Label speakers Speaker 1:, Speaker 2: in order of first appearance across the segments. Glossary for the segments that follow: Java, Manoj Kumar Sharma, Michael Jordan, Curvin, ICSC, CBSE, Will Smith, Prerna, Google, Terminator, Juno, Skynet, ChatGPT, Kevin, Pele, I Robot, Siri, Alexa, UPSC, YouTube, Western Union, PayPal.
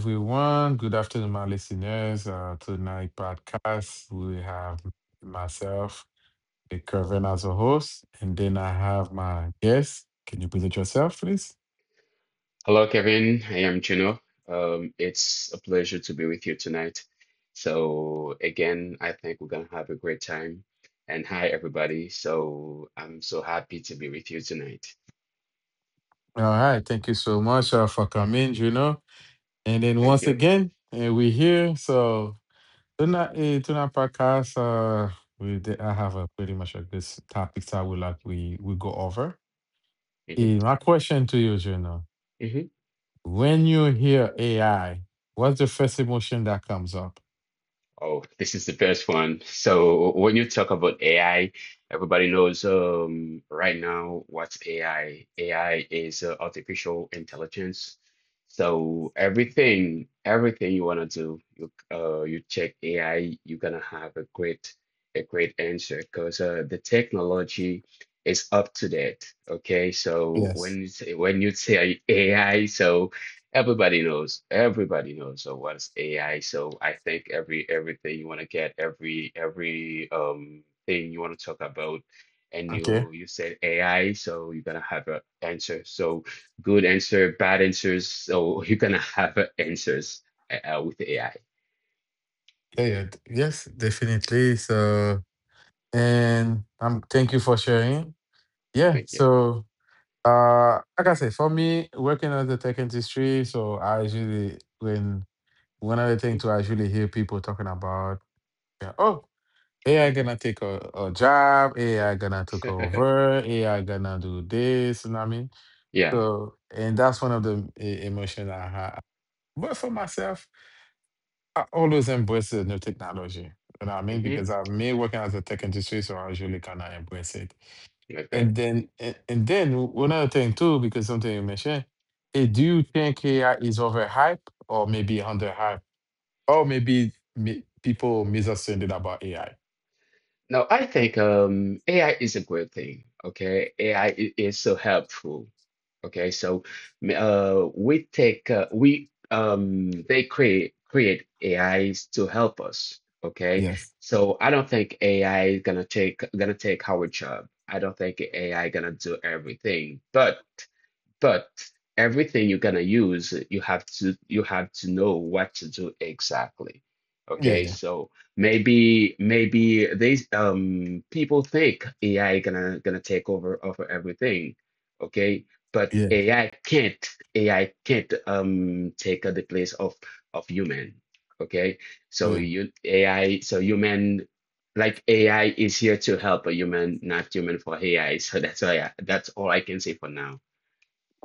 Speaker 1: everyone. Good afternoon, my listeners. Tonight podcast, we have myself, the Curvin as a host, and then I have my guest. Can you present yourself, please?
Speaker 2: Hello, Kevin. I am Juno. It's a pleasure to be with you tonight. So, again, I think we're going to have a great time. And hi, everybody. So, I'm so happy to be with you tonight.
Speaker 1: All right. Thank you so much for coming. And then
Speaker 2: Thank
Speaker 1: once
Speaker 2: you.
Speaker 1: again, we're here. So tonight, tonight podcast, I have a pretty much a good topics I would like we go over.
Speaker 2: Hmm
Speaker 1: My question to you, Juno.
Speaker 2: hmm.
Speaker 1: When you hear AI, what's the first emotion that comes up?
Speaker 2: Oh, this is the best one. So when you talk about AI, everybody knows right now what's AI. AI is artificial intelligence. So everything you wanna do, you check AI, you're gonna have a great answer because the technology is up to date. Okay, so
Speaker 1: Yes.
Speaker 2: when you say AI, so. Everybody knows of what's AI. So I think everything you want to get, every thing you want to talk about, and
Speaker 1: Okay.
Speaker 2: you said AI, so you're gonna have an answer. So good answer, bad answers. So you're gonna have a answers with AI.
Speaker 1: Yeah, yeah. Yes, definitely. So, and thank you for sharing. Yeah.
Speaker 2: Thank you.
Speaker 1: So, like I said, for me, working at the tech industry, so I usually, when one of the
Speaker 2: Mhm,
Speaker 1: things to actually hear people talking about, yeah, oh, AI
Speaker 2: mhm.
Speaker 1: gonna take a job, AI gonna take over, AI gonna do this, you know what I mean?
Speaker 2: Yeah.
Speaker 1: So, and that's one of the emotions I, ha But for myself, I always embrace the new technology. You know what I mean?
Speaker 2: Hmm.
Speaker 1: Because I'm me working as a tech industry, so I usually kind of embrace it.
Speaker 2: Okay.
Speaker 1: And then one other thing too, because something you mentioned, do you think AI is overhyped or maybe underhyped, or maybe people misunderstanding about AI?
Speaker 2: No, I think AI is a great thing. Okay, AI is so helpful. Okay, so we take, we they create AIs to help us. Okay,
Speaker 1: Yes.
Speaker 2: so I don't think AI is gonna take our job. I don't think AI gonna do everything, but but everything you're gonna use, you have to know what to do exactly.
Speaker 1: Yeah,
Speaker 2: Okay,
Speaker 1: yeah,
Speaker 2: so maybe these people think AI gonna take over everything. Okay, but
Speaker 1: Yeah.
Speaker 2: AI can't take the place of human. Okay, so
Speaker 1: yeah.
Speaker 2: you AI, so human, like AI is here to help a human, not human for AI. So that's all I can say for now.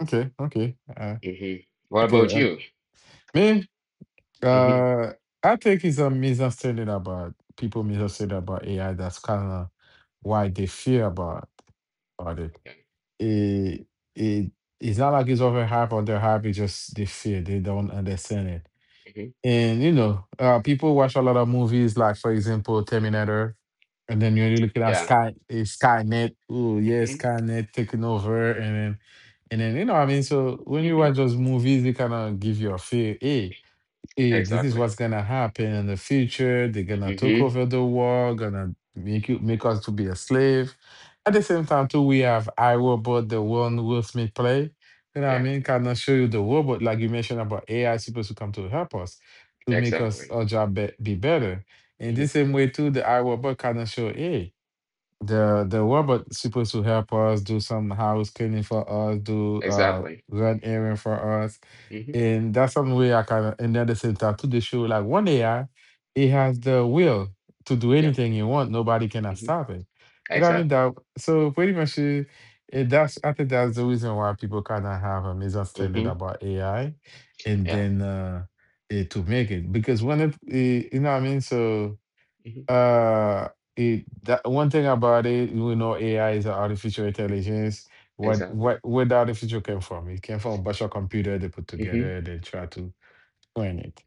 Speaker 1: Okay, okay,
Speaker 2: hmm What
Speaker 1: okay.
Speaker 2: about you?
Speaker 1: Me,
Speaker 2: Hmm.
Speaker 1: Uh, I think it's a misunderstanding about people misunderstanding about AI. That's kind of why they fear about it.
Speaker 2: Okay. Hmm.
Speaker 1: It it it's not like it's overhyped or underhyped. It's just they fear. They don't understand it.
Speaker 2: Hmm.
Speaker 1: And, people watch a lot of movies, like for example, Terminator. And then you're looking at
Speaker 2: Yeah.
Speaker 1: Skynet. Oh yeah,
Speaker 2: Hmm.
Speaker 1: Skynet taking over, and then you know what I mean, so when you
Speaker 2: Hmm.
Speaker 1: watch those movies, they kind of give you a fear. Hey, hey, this is
Speaker 2: Exactly.
Speaker 1: what's gonna happen in the future. They're gonna take
Speaker 2: Hmm.
Speaker 1: over the world, gonna make you make us to be a slave. At the same time, too, we have I Robot, the one Will Smith play. You know what I
Speaker 2: Yeah.
Speaker 1: mean? Can I show you the robot, like you mentioned about AI supposed to come to help us to make us
Speaker 2: Exactly.
Speaker 1: our job be better. In the
Speaker 2: Hmm.
Speaker 1: same way, too, the I Robot kind of show, hey, the robot supposed to help us do some house cleaning for us, do
Speaker 2: Exactly.
Speaker 1: run errand for us,
Speaker 2: Hmm.
Speaker 1: and that's some way I kind of. And at the same time, to the show, like one AI, it has the will to do
Speaker 2: Yeah.
Speaker 1: anything you want. Nobody cannot
Speaker 2: Hmm.
Speaker 1: stop it. You know what I mean?
Speaker 2: Exactly.
Speaker 1: That so pretty much, that's I think that's the reason why people kind of have a misunderstanding
Speaker 2: Hmm.
Speaker 1: about AI, and
Speaker 2: Yeah.
Speaker 1: then to make it because when you know what I mean, so.
Speaker 2: Hmm.
Speaker 1: Uh, it That one thing about it, we know AI is artificial intelligence. What
Speaker 2: Exactly.
Speaker 1: where the artificial came from? It came from a bunch of computer they put
Speaker 2: Hmm.
Speaker 1: together. They try to train it.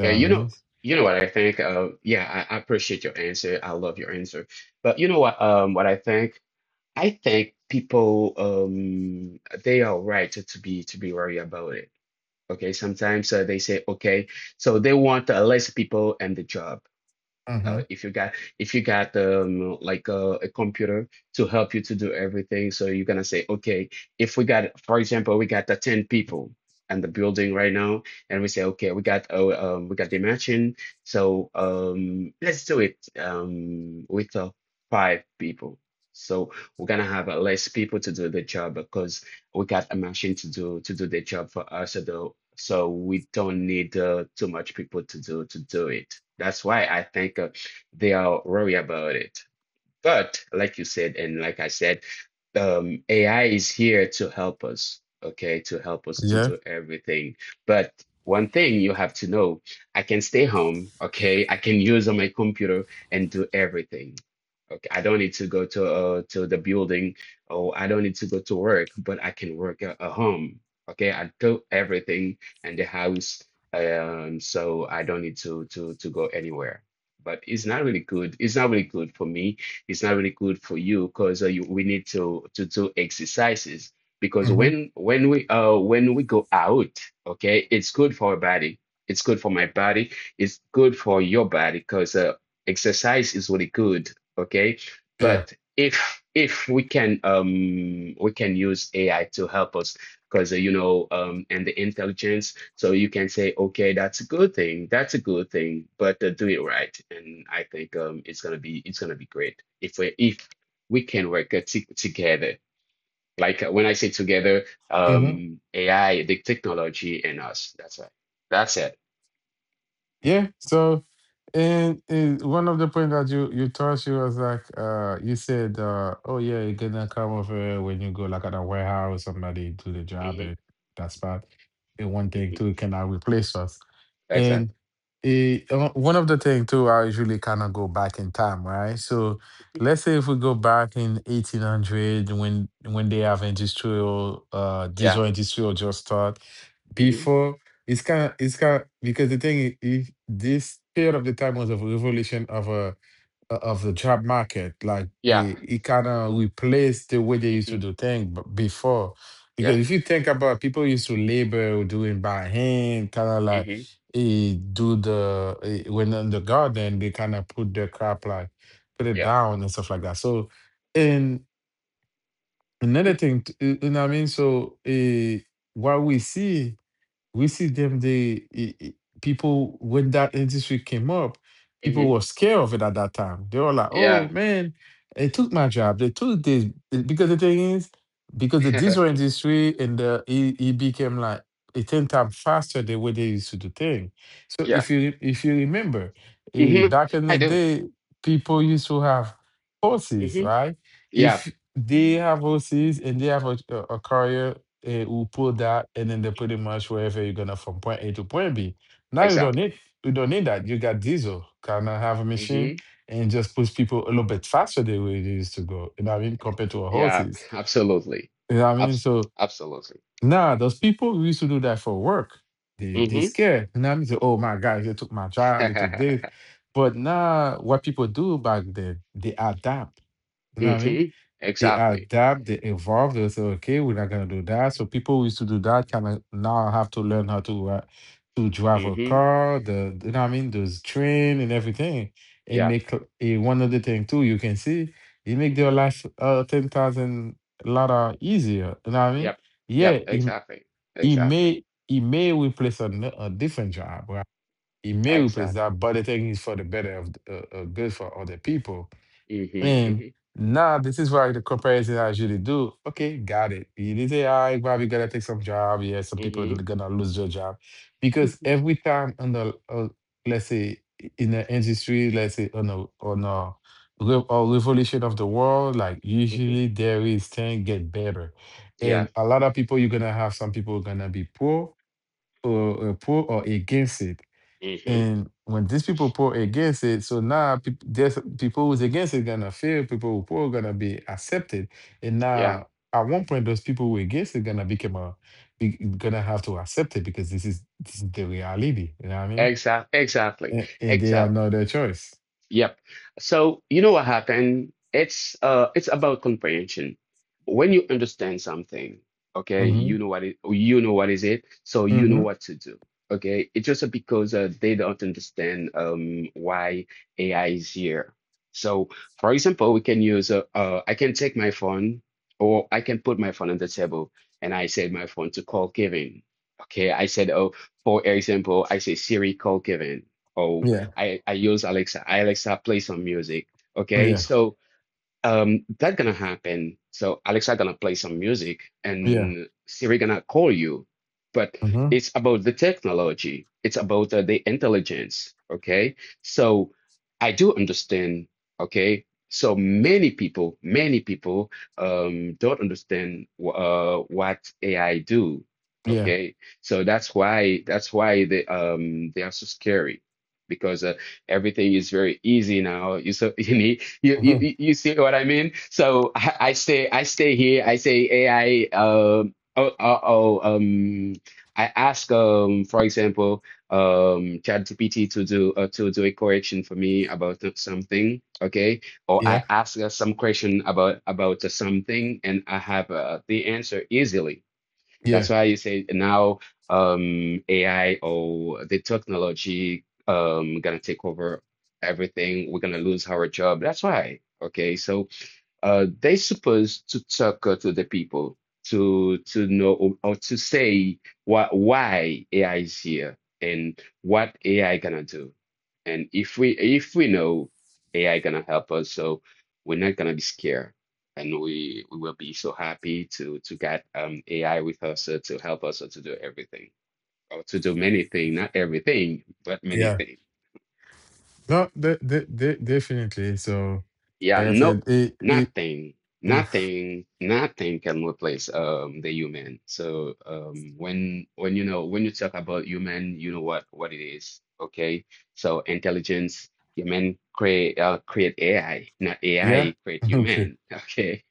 Speaker 1: You know what I mean?
Speaker 2: You know what I think? Yeah, I appreciate your answer. I love your answer. But you know what? What I think? I think people, they are right to be worried about it. Okay, sometimes they say, okay, so they want less people and the job.
Speaker 1: Mm-hmm.
Speaker 2: If you got like a computer to help you to do everything, so you're gonna say, okay, if we got, for example, we got the 10 people in the building right now and we say, okay, we got the matching, so let's do it, with five people, so we're gonna have less people to do the job because we got a machine to do the job for us, so so we don't need too much people to do it. That's why I think they are worried about it. But like you said, and like I said, AI is here to help us, okay, to help us to
Speaker 1: Yeah.
Speaker 2: do everything. But one thing you have to know, I can stay home, okay? I can use on my computer and do everything. Okay, I don't need to go to the building, or I don't need to go to work, but I can work at home. Okay, I do everything in the house, so I don't need to go anywhere. But it's not really good. It's not really good for me, it's not really good for you, because, we need to do exercises, because
Speaker 1: Mm-hmm.
Speaker 2: when we go out, okay, it's good for our body. It's good for my body. It's good for your body because exercise is really good, okay?
Speaker 1: Yeah.
Speaker 2: But if we can use AI to help us, because and the intelligence, so you can say, okay, that's a good thing, but do it right. And I think it's gonna be great if we can work t together, like, when I say together,
Speaker 1: Mm-hmm.
Speaker 2: AI, the technology, and us. That's right, that's it.
Speaker 1: Yeah. So, and one of the point that you touched, you was like, you said, oh yeah, you're gonna come over when you go like at a warehouse, somebody do the job
Speaker 2: Hmm.
Speaker 1: at that spot. And one thing
Speaker 2: Hmm.
Speaker 1: too, cannot replace us. And
Speaker 2: Exactly.
Speaker 1: one of the thing too, I usually kind of go back in time, right? So let's say if we go back in 1800 when they have industrial,
Speaker 2: Yeah.
Speaker 1: diesel industrial just start
Speaker 2: Hmm.
Speaker 1: before. It's kind of because the thing is this period of the time was a revolution of the job market. Like it,
Speaker 2: Yeah.
Speaker 1: it kind of replaced the way they used to
Speaker 2: Hmm.
Speaker 1: do things before. Because
Speaker 2: Yeah.
Speaker 1: if you think about people used to labor doing by hand, kind of like
Speaker 2: Hmm.
Speaker 1: do the when in the garden they kind of put their crop like put it
Speaker 2: Yeah.
Speaker 1: down and stuff like that. So and another
Speaker 2: Hmm.
Speaker 1: thing, you know what I mean. So what we see them they people when that industry came up people
Speaker 2: Hmm.
Speaker 1: were scared of it at that time they were like oh
Speaker 2: Yeah.
Speaker 1: man they took my job they took this because the thing is because the diesel industry and it became like a 10 times faster the way they used to do things so
Speaker 2: Yeah.
Speaker 1: if you remember
Speaker 2: Hmm.
Speaker 1: back in
Speaker 2: I
Speaker 1: the
Speaker 2: do.
Speaker 1: day people used to have horses
Speaker 2: Hmm.
Speaker 1: right
Speaker 2: Yeah.
Speaker 1: If they have OCs and they have a carrier who pull that and then they pretty much wherever you're gonna from point A to point B. Now you don't
Speaker 2: Exactly.
Speaker 1: need you don't need that. You got diesel. Can I have a machine
Speaker 2: Mm-hmm.
Speaker 1: and just push people a little bit faster than way they used to go? You know what I mean? Compared to our
Speaker 2: Yeah,
Speaker 1: horses.
Speaker 2: absolutely.
Speaker 1: You know what I mean?
Speaker 2: Abs
Speaker 1: So
Speaker 2: absolutely.
Speaker 1: now those people who used to do that for work, they
Speaker 2: Mm-hmm.
Speaker 1: scared. You know what I mean? Say, oh my God, they took my job, they took this. But now what people do back then, they adapt. You know what I mean?
Speaker 2: Mm-hmm.
Speaker 1: They
Speaker 2: Exactly.
Speaker 1: adapt, they evolve. They say, okay, we're not gonna do that. So people who used to do that kind of now have to learn how to drive a
Speaker 2: Mm-hmm.
Speaker 1: car, the you know what I mean, those train and everything. And
Speaker 2: Yep.
Speaker 1: make a one other thing too. You can see it make
Speaker 2: Mm-hmm.
Speaker 1: their life 10,000 lot of easier. You know what I mean?
Speaker 2: Yep.
Speaker 1: Yeah,
Speaker 2: Yep.
Speaker 1: he,
Speaker 2: Exactly.
Speaker 1: he
Speaker 2: Exactly.
Speaker 1: may he may replace a different job, right? He may replace
Speaker 2: Exactly.
Speaker 1: that, but the thing is for the better of good for other people and
Speaker 2: Mm-hmm.
Speaker 1: now this is why the comparison I usually do. Okay, got it. You did say, all right, Bobby, gotta take some job. Yeah, some people are
Speaker 2: Mm-hmm.
Speaker 1: gonna lose their job. Because
Speaker 2: Mm-hmm.
Speaker 1: every time let's say, in the industry, let's say a revolution of the world, like
Speaker 2: Mm-hmm.
Speaker 1: usually there is things get better. And
Speaker 2: Yeah.
Speaker 1: a lot of people, you're gonna have some people gonna be poor or poor or against it.
Speaker 2: Mm-hmm.
Speaker 1: And when these people pour against it, so now peop there's people who's against it gonna feel people who pour gonna be accepted, and
Speaker 2: Yeah.
Speaker 1: now at one point those people who against it gonna become gonna have to accept it because this is the reality. You know what I mean?
Speaker 2: Exactly.
Speaker 1: And they have
Speaker 2: Exactly.
Speaker 1: no other choice.
Speaker 2: Yep. So you know what happened? It's about comprehension. When you understand something, okay,
Speaker 1: Mm-hmm.
Speaker 2: you know what is it, so you know
Speaker 1: Mm-hmm.
Speaker 2: what to do. Okay. It's just because they don't understand why AI is here. So for example, we can use, I can take my phone, or I can put my phone on the table and I said my phone to call Kevin. Okay, I said, oh, for example, I say Siri, call Kevin. Or
Speaker 1: Yeah.
Speaker 2: I use Alexa. Alexa, play some music. Okay,
Speaker 1: Yeah.
Speaker 2: so that's gonna happen. So Alexa gonna play some music
Speaker 1: Yeah.
Speaker 2: and Siri gonna call you. But
Speaker 1: Mm-hmm.
Speaker 2: it's about the technology. It's about the intelligence. Okay. So I do understand. Okay. So many people don't understand, what AI do.
Speaker 1: Yeah.
Speaker 2: Okay. So that's why they are so scary, because everything is very easy now. You, so, you need you,
Speaker 1: Hmm.
Speaker 2: you you see what I mean? So I stay here. I say AI. Oh, I ask, for example, ChatGPT to do a correction for me about, something, okay? Or
Speaker 1: Yeah.
Speaker 2: I ask some question about something, and I have the answer easily. That's
Speaker 1: Yeah.
Speaker 2: why you say now, AI or the technology, gonna take over everything. We're gonna lose our job. That's why. Okay, so they supposed to talk to the people to know, or to say, why AI is here and what AI gonna do. And if we know AI gonna help us, so we're not gonna be scared, and we will be so happy to get AI with us, to help us, to do everything, or to do many things, not everything, but many
Speaker 1: Yeah.
Speaker 2: things.
Speaker 1: No, definitely. So,
Speaker 2: Yeah,
Speaker 1: like I
Speaker 2: no,
Speaker 1: said,
Speaker 2: nothing,
Speaker 1: mm,
Speaker 2: nothing, nothing can replace the human. So, when you talk about human, you know what it is, okay? So intelligence, human create AI, not
Speaker 1: yeah.
Speaker 2: AI create
Speaker 1: Okay.
Speaker 2: human, okay?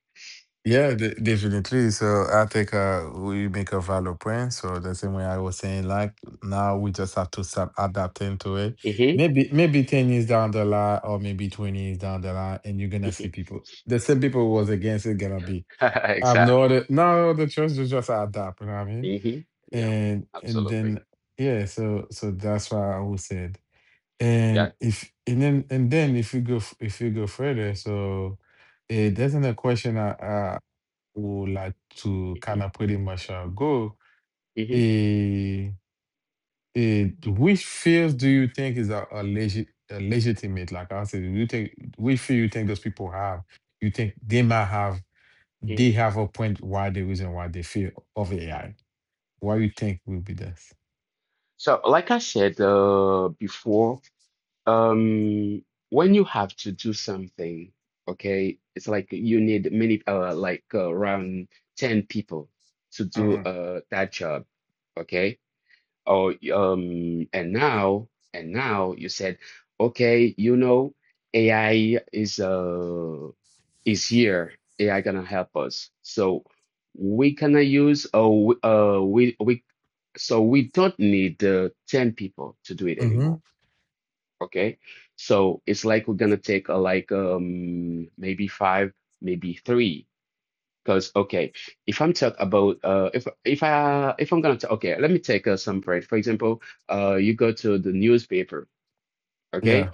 Speaker 1: Yeah, definitely. So I think we make a valid point. So the same way I was saying, like now we just have to start adapting to it.
Speaker 2: Mm-hmm,
Speaker 1: Maybe 10 years down the line, or maybe 20 years down the line, and you're gonna see
Speaker 2: mm-hmm.
Speaker 1: people. The same people who was against it gonna be. I have no
Speaker 2: Exactly.
Speaker 1: other no other choice to just adapt. You know what I mean?
Speaker 2: Mm-hmm. Yeah,
Speaker 1: And and
Speaker 2: absolutely.
Speaker 1: then yeah, so that's why I was said.
Speaker 2: Yeah.
Speaker 1: And if and then if you go further, so it doesn't a question. Ou là to
Speaker 2: Mm-hmm,
Speaker 1: kind of pretty much go.
Speaker 2: mm-hmm,
Speaker 1: Et, et which fields do you think is a legitimate? Like I said, you think which field you think those people have? You think they might have they
Speaker 2: mm-hmm.
Speaker 1: have a point why the reason why they fear of AI? Why you think will be this?
Speaker 2: So, like I said before. Um, when you have to do something, okay, it's like you need many, like around 10 people to do
Speaker 1: Mm-hmm.
Speaker 2: that job, okay? Or um, and now, and now, you said, okay, AI is is here. AI gonna help us, so we gonna use, we so we don't need 10 people to do it
Speaker 1: Mm-hmm.
Speaker 2: anymore. Okay, so it's like we're gonna take like, maybe five, maybe three. Because, okay, if I'm talk about if I, if I'm gonna ta- okay, let me take some bread. For example, you go to the newspaper,
Speaker 1: Yeah.
Speaker 2: okay?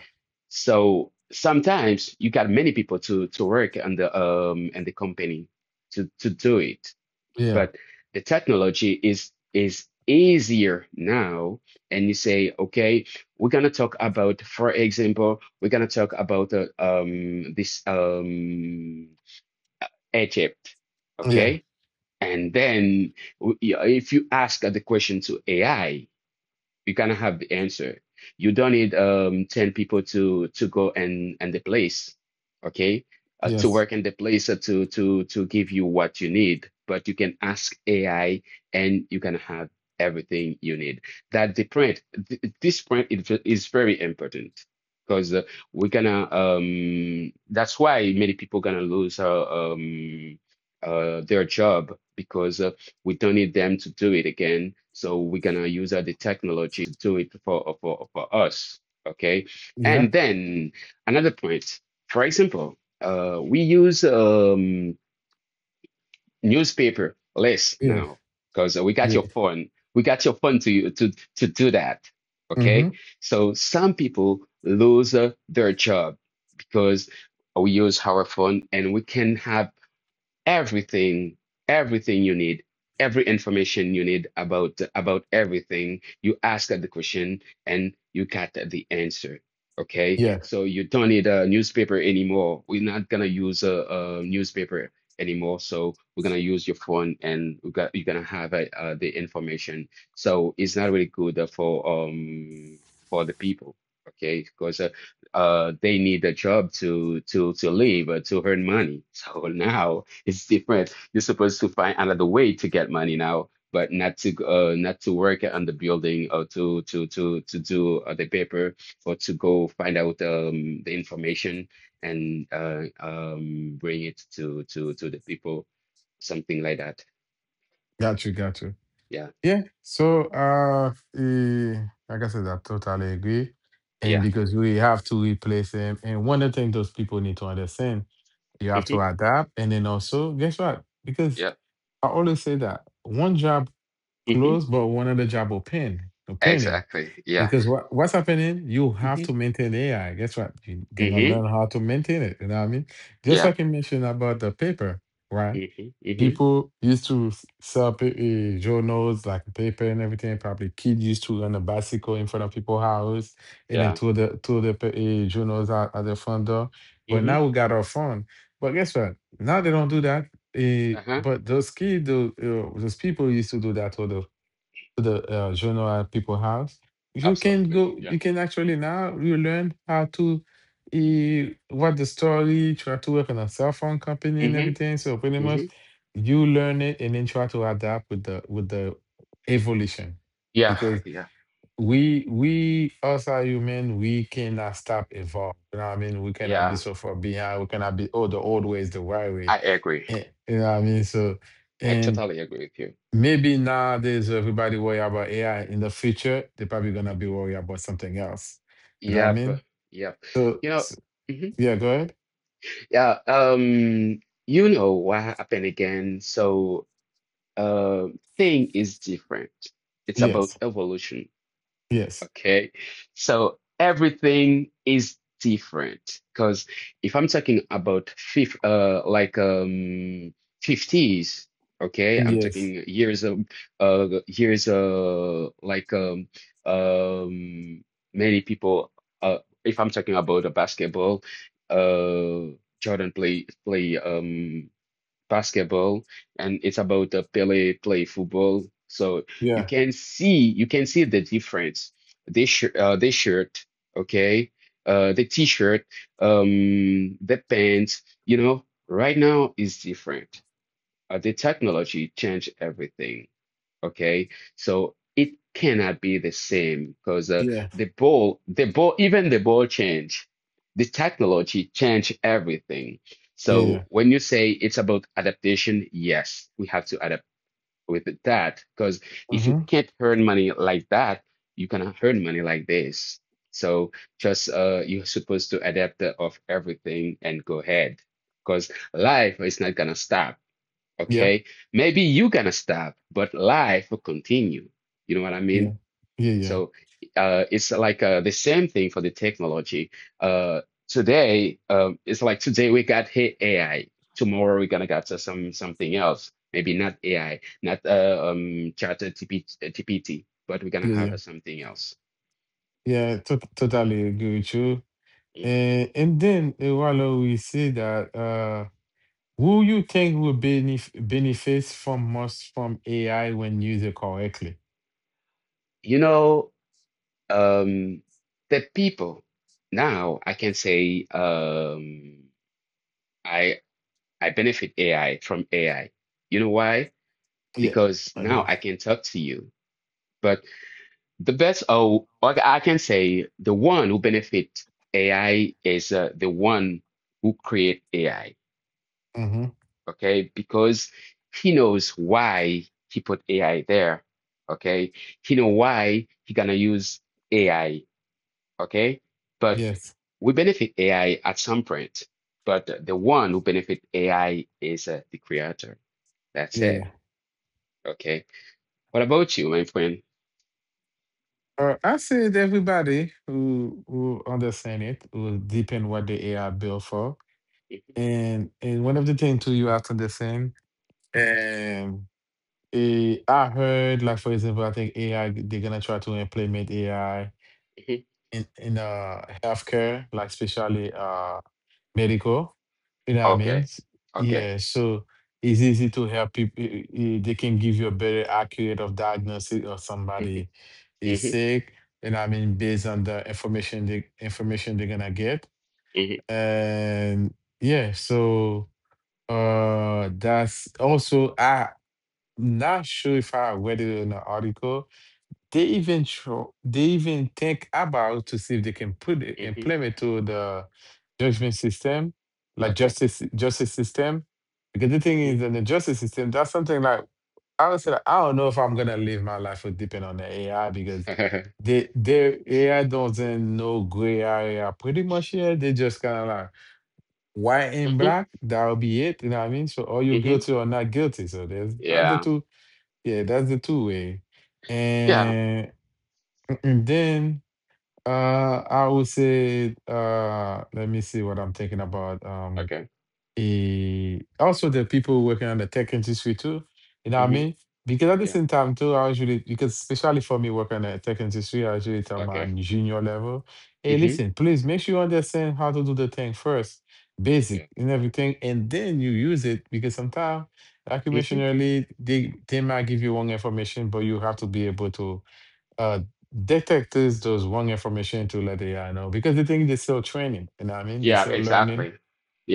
Speaker 2: So sometimes you got many people to work on the, and the company to do it,
Speaker 1: Yeah.
Speaker 2: but the technology is easier now, and you say, okay, we're gonna talk about for example, we're gonna talk about this Egypt,
Speaker 1: Yeah.
Speaker 2: okay. And then, if you ask the question to AI, you kind of have the answer. You don't need 10 people to go and the place, okay? To
Speaker 1: Yes.
Speaker 2: work in the place, to give you what you need, but you can ask AI and you can have everything you need. That the print, th this print is very important, because, we're gonna that's why many people gonna lose, um their job, because we don't need them to do it again. So we're gonna use the technology to do it for us. Okay.
Speaker 1: Yeah.
Speaker 2: And then another point, for example, we use newspaper less
Speaker 1: Yeah.
Speaker 2: now because we got your
Speaker 1: Yeah.
Speaker 2: phone. We got your phone to do that.
Speaker 1: Mm-hmm.
Speaker 2: Okay. So some people lose their job because we use our phone and we can have everything everything you need, every information you need about everything. You ask the question and you got the answer. Okay,
Speaker 1: Yeah.
Speaker 2: so you don't need a newspaper anymore. We're not gonna use a newspaper anymore, so we're gonna use your phone and we got you're gonna have the information. So it's not really good for the people. Okay, because they need a job to live, to earn money. So now it's different. You're supposed to find another way to get money now, but not to not to work on the building or to do the paper or to go find out the information and bring it to the people, something like that.
Speaker 1: Got you. Got you.
Speaker 2: Yeah,
Speaker 1: Yeah. So, eh, like I said, I totally agree. And
Speaker 2: yeah,
Speaker 1: because we have to replace them. And one of the things those people need to understand, you have
Speaker 2: hmm
Speaker 1: to adapt. And then also, guess what? Because
Speaker 2: yeah,
Speaker 1: I always say that one job
Speaker 2: hmm
Speaker 1: closed, but one other job opening.
Speaker 2: exactly. Yeah,
Speaker 1: Because what's happening? You have
Speaker 2: hmm
Speaker 1: to maintain AI. Guess what? You're gonna
Speaker 2: hmm
Speaker 1: learn how to maintain it. You know what I mean? Just
Speaker 2: yeah,
Speaker 1: like you mentioned about the paper, right?
Speaker 2: hmm hmm
Speaker 1: People used to sell journals like paper and everything. Probably kid used to run a bicycle in front of people's house and then
Speaker 2: yeah,
Speaker 1: throw the journals out at the front door. But
Speaker 2: hmm
Speaker 1: now we got our phone. But guess what? Now they don't do that.
Speaker 2: uh-huh,
Speaker 1: But those kids, those people used to do that all the to the genre people have, you can
Speaker 2: absolutely.
Speaker 1: go.
Speaker 2: Yeah,
Speaker 1: You can actually now you learn how to what the story. Try to work on a cell phone company
Speaker 2: hmm
Speaker 1: and everything. So pretty much,
Speaker 2: hmm
Speaker 1: you learn it and then try to adapt with the evolution,
Speaker 2: yeah,
Speaker 1: because
Speaker 2: yeah,
Speaker 1: we us are human. We cannot stop evolve. You know what I mean? We cannot be
Speaker 2: yeah.
Speaker 1: so far behind. We cannot be oh the old way is the right way.
Speaker 2: I agree.
Speaker 1: You know what I mean? So.
Speaker 2: I
Speaker 1: And.
Speaker 2: totally agree with you.
Speaker 1: Maybe nowadays everybody worry about AI. In the future, they're probably gonna be
Speaker 2: Mhm.
Speaker 1: worried about something else. You know what I
Speaker 2: Yep,
Speaker 1: mean?
Speaker 2: yep.
Speaker 1: So,
Speaker 2: You know, mhm.
Speaker 1: yeah, go ahead.
Speaker 2: Yeah, you know what happened again. So, uh, thing is different. It's about
Speaker 1: Yes.
Speaker 2: evolution.
Speaker 1: Yes.
Speaker 2: Okay. So everything is different because if I'm talking about fifth, like '50s, okay, I'm
Speaker 1: Yes.
Speaker 2: talking years of, years, um, many people, uh, if I'm talking about a basketball, uh, Jordan play basketball, and it's about the Pele play football. So you
Speaker 1: Yeah.
Speaker 2: can see, the difference. This shirt, okay, the t-shirt, the pants, you know, right now is different. The technology changed everything. Okay, so it cannot be the same because
Speaker 1: Yeah.
Speaker 2: the ball, even the ball change, the technology change everything.
Speaker 1: Yeah.
Speaker 2: So
Speaker 1: Yeah.
Speaker 2: when you say it's about adaptation, yes, we have to adapt with that, because if you
Speaker 1: Mm-hmm.
Speaker 2: can't earn money like that, you cannot earn money like this. So just you're supposed to adapt of everything and go ahead, because life is not gonna stop.
Speaker 1: Yep.
Speaker 2: Okay. Maybe you're gonna stop, but life will continue. You know what I
Speaker 1: Yeah.
Speaker 2: mean?
Speaker 1: Yeah. Yeah.
Speaker 2: So it's like the same thing for the technology. Uh, Today, it's like today we got hey, AI. Tomorrow we're gonna got something else. Maybe not AI, not ChatGPT, GPT, but we're gonna
Speaker 1: Yeah. Yeah.
Speaker 2: have something else.
Speaker 1: Yeah. Totally agree with you.
Speaker 2: Mm.
Speaker 1: And then Wallo, we see that who you think will benefits from most from AI when used correctly?
Speaker 2: You know, um, the people now, I can say I I benefit AI, from AI. You know why?
Speaker 1: Yeah.
Speaker 2: Because now
Speaker 1: Okay.
Speaker 2: I can talk to you. But the best, oh, I can say the one who benefit AI is the one who create AI.
Speaker 1: Mm-hmm.
Speaker 2: Okay, because he knows why he put AI there. Okay, he know why he gonna use AI. Okay, but
Speaker 1: Yes.
Speaker 2: we benefit AI at some point. But the one who benefit AI is the creator. That's
Speaker 1: Yeah. Yeah.
Speaker 2: it. Okay. What about you, my friend?
Speaker 1: I said everybody who understand it will depend what the AI built for,
Speaker 2: Mhm,
Speaker 1: and one of the things too you have to understand. And I heard like for example, I think AI they're gonna try to implement AI
Speaker 2: mhm.
Speaker 1: in healthcare, like especially medical. You know what I mean?
Speaker 2: Okay. Okay.
Speaker 1: Yeah, so it's easy to help people. They can give you a better accurate of diagnosis of
Speaker 2: Mhm,
Speaker 1: somebody is
Speaker 2: mhm,
Speaker 1: sick. You know what I mean? Based on the information they're gonna get.
Speaker 2: mhm,
Speaker 1: And yeah, so that's also I not sure if I read it in an article. They even they even think about to see if they can put it
Speaker 2: mhm.
Speaker 1: implement to the judgment system, like
Speaker 2: Okay.
Speaker 1: justice system. Because the thing is,
Speaker 2: Mhm.
Speaker 1: in the justice system, that's something like I would say, like, I don't know if I'm gonna live my life with depend on the AI because they their AI doesn't know gray area pretty much here. They just kind of like white and
Speaker 2: Mhm,
Speaker 1: black. That'll be it. You know what I mean? So, are you
Speaker 2: mhm.
Speaker 1: guilty or not guilty? So there's that's the
Speaker 2: Yeah.
Speaker 1: two. Yeah, that's the two way.
Speaker 2: Yeah.
Speaker 1: And, and then I would say, let me see what I'm thinking about.
Speaker 2: Okay.
Speaker 1: Also the people working on the tech industry too. You know what I
Speaker 2: hmm
Speaker 1: mean? Because at the
Speaker 2: Yeah.
Speaker 1: same time too, I usually because especially for me working in the tech industry, I usually tell my
Speaker 2: Okay.
Speaker 1: junior level, hey,
Speaker 2: hmm
Speaker 1: listen, please make sure you understand how to do the thing first, basic
Speaker 2: Yeah.
Speaker 1: and everything, and then you use it because sometimes, like you mentioned
Speaker 2: hmm
Speaker 1: earlier, they might give you wrong information, but you have to be able to uh detect this those wrong information to let the AI know. Because the thing is they're still training, you know what I mean? They're
Speaker 2: Yeah,
Speaker 1: still learning
Speaker 2: exactly.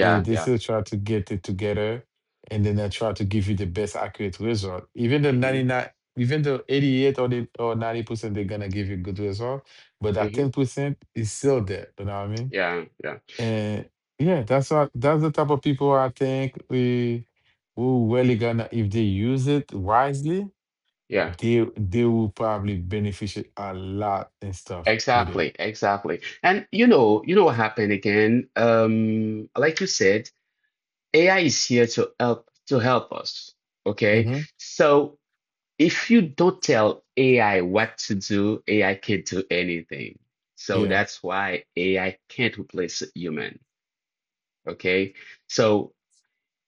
Speaker 1: they
Speaker 2: yeah.
Speaker 1: still try to get it together and then they try to give you the best accurate result. Even the
Speaker 2: hmm
Speaker 1: 99, even the 88 or the or 90%, they're gonna give you good result, but that
Speaker 2: hmm
Speaker 1: 10% is still there. You know what I mean?
Speaker 2: Yeah, yeah.
Speaker 1: And yeah, that's the type of people I think we who really gonna if they use it wisely,
Speaker 2: Yeah.
Speaker 1: they will probably benefit a lot and stuff with it.
Speaker 2: Exactly, exactly. And you know what happened again? Like you said, AI is here to help us. Okay?
Speaker 1: hmm
Speaker 2: So if you don't tell AI what to do, AI can't do anything. So
Speaker 1: Yeah.
Speaker 2: that's why AI can't replace a human. Okay. So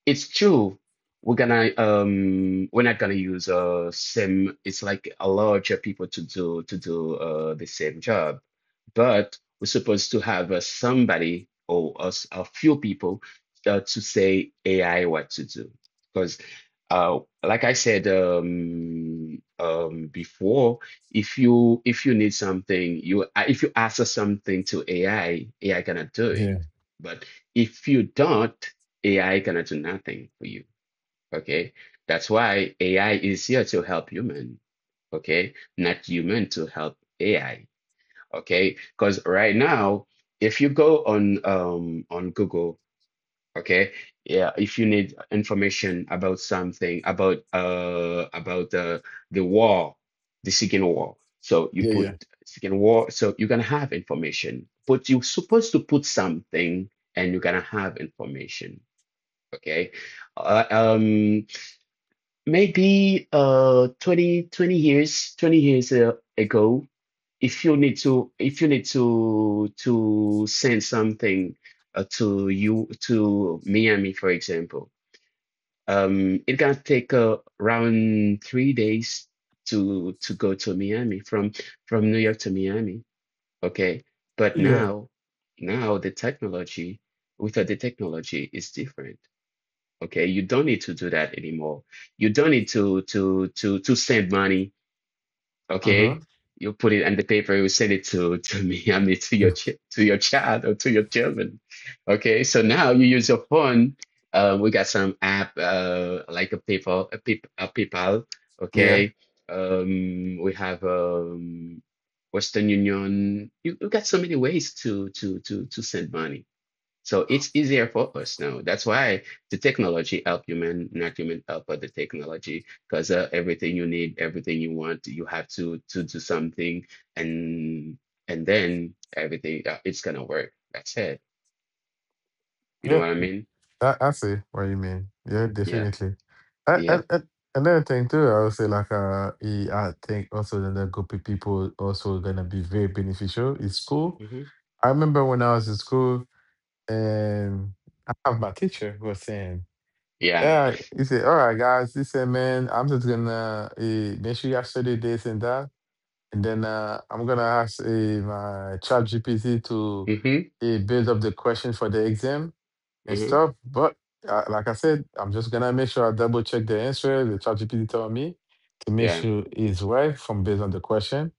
Speaker 2: it's true. We're gonna we're not gonna use same, it's like a larger people to do to do the same job. But we're supposed to have somebody or us, a few people to say AI what to do. Because like I said before, if you need something, you if you ask us something to AI, AI cannot do it.
Speaker 1: Yeah.
Speaker 2: But if you don't, AI cannot do nothing for you. Okay. That's why AI is here to help human. Okay. Not human to help AI. Okay. Because right now, if you go on Google, okay, yeah, if you need information about something, about the war, the second war. So you
Speaker 1: Yeah.
Speaker 2: put
Speaker 1: Yeah.
Speaker 2: second war, so you're gonna have information. But you're supposed to put something and you're gonna have information. Okay. Uh, um, Maybe twenty twenty years, 20 years ago, if you need to send something to Miami, for example, it can take around 3 days to go to Miami from New York to Miami. Okay. But
Speaker 1: Yeah.
Speaker 2: now, now the technology, without the technology is different. Okay, you don't need to do that anymore. You don't need to send money.
Speaker 1: Hmm.
Speaker 2: Okay, you put it on the paper, you send it to me. I mean to your to your child or to your children. Okay, so now you use your phone. We got some app like a PayPal, a, Pay, a PayPal,
Speaker 1: Yeah.
Speaker 2: okay. We have Western Union. You got so many ways to send money, so it's easier for us now. That's why the technology help human, not human help but the technology. Because everything you need, everything you want, you have to do something, and and then everything it's gonna work. That's it. You know
Speaker 1: Yeah.
Speaker 2: what I mean?
Speaker 1: I see what you mean. Yeah,
Speaker 2: Yeah.
Speaker 1: definitely. I, I,
Speaker 2: Yep.
Speaker 1: I, another thing too, I would say like I think also that the group of people also gonna be very beneficial is school.
Speaker 2: hmm
Speaker 1: I remember when I was in school and I have my teacher who was saying,
Speaker 2: Yeah.
Speaker 1: yeah, he said, all right, guys, he said, man, I'm just gonna make sure you have study this and that, and then I'm gonna ask my chat GPT to
Speaker 2: hmm
Speaker 1: build up the question for the exam and
Speaker 2: hmm
Speaker 1: stuff. But like I said, I'm just gonna make sure I double check the answer the ChatGPT told me to make
Speaker 2: Yeah.
Speaker 1: sure it's right from based on the question,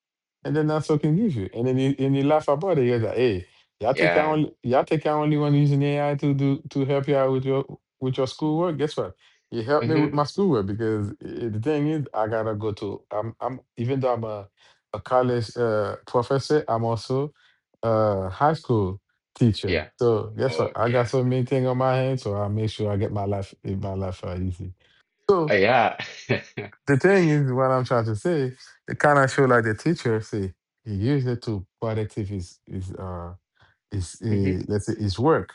Speaker 1: and then that's what it can give you. And then you laugh about it. You're like, hey,
Speaker 2: Yeah.
Speaker 1: y'all think I only want using AI to do to help you out with your schoolwork? Guess what? It helped me with
Speaker 2: hmm
Speaker 1: my schoolwork because the thing is, I gotta go to. I'm even though I'm a college professor, I'm also high school teacher.
Speaker 2: Yeah.
Speaker 1: So guess what?
Speaker 2: Oh
Speaker 1: I got
Speaker 2: yeah.
Speaker 1: so many things on my hands, so I make sure I get my life easy. So
Speaker 2: Yeah.
Speaker 1: the thing is, what I'm trying to say, it kind of show like the teacher say he used it to productive his his uh his
Speaker 2: hmm
Speaker 1: uh, let's say his work.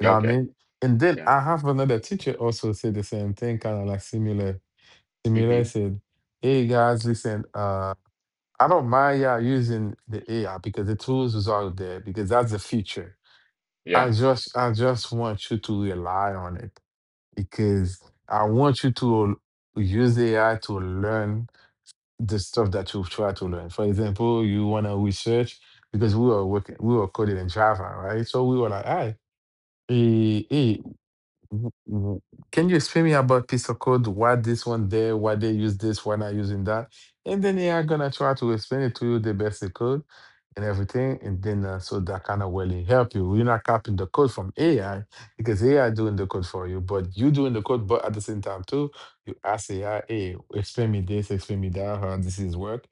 Speaker 1: You know what I
Speaker 2: Okay.
Speaker 1: mean? And then
Speaker 2: Yeah.
Speaker 1: I have another teacher also say the same thing, kind of like similar. Similar
Speaker 2: hmm
Speaker 1: said, "Hey guys, listen, I don't mind y'all using the AI because the tools is out there because that's the future."
Speaker 2: Yeah.
Speaker 1: I just want you to rely on it because I want you to use AI to learn the stuff that you've tried to learn. For example, you want to research because we were working we were coding in Java, right? So we were like, all right, W- w- Can you explain me about piece of code? Why this one there? Why they use this? Why not using that? And then they are gonna try to explain it to you the best they could and everything. And then so that kind of will help you. You're not copying the code from AI because AI doing the code for you, but you doing the code. But at the same time too, you ask AI, "Hey, explain me this. Explain me that. How this is work."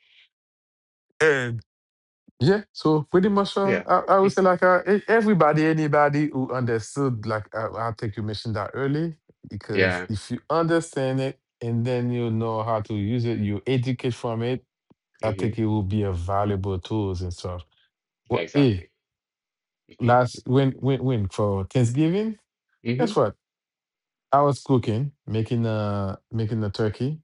Speaker 1: Yeah, so pretty much, uh,
Speaker 2: Yeah.
Speaker 1: I, I would say
Speaker 2: hmm
Speaker 1: like everybody, anybody who understood, like I think you mentioned that early, because
Speaker 2: Yeah.
Speaker 1: if you understand it and then you know how to use it, you educate from it. I
Speaker 2: hmm
Speaker 1: think it will be a valuable tools and stuff. Well, hey,
Speaker 2: Exactly. hmm
Speaker 1: last when for Thanksgiving,
Speaker 2: hmm
Speaker 1: guess what? I was cooking, making a turkey,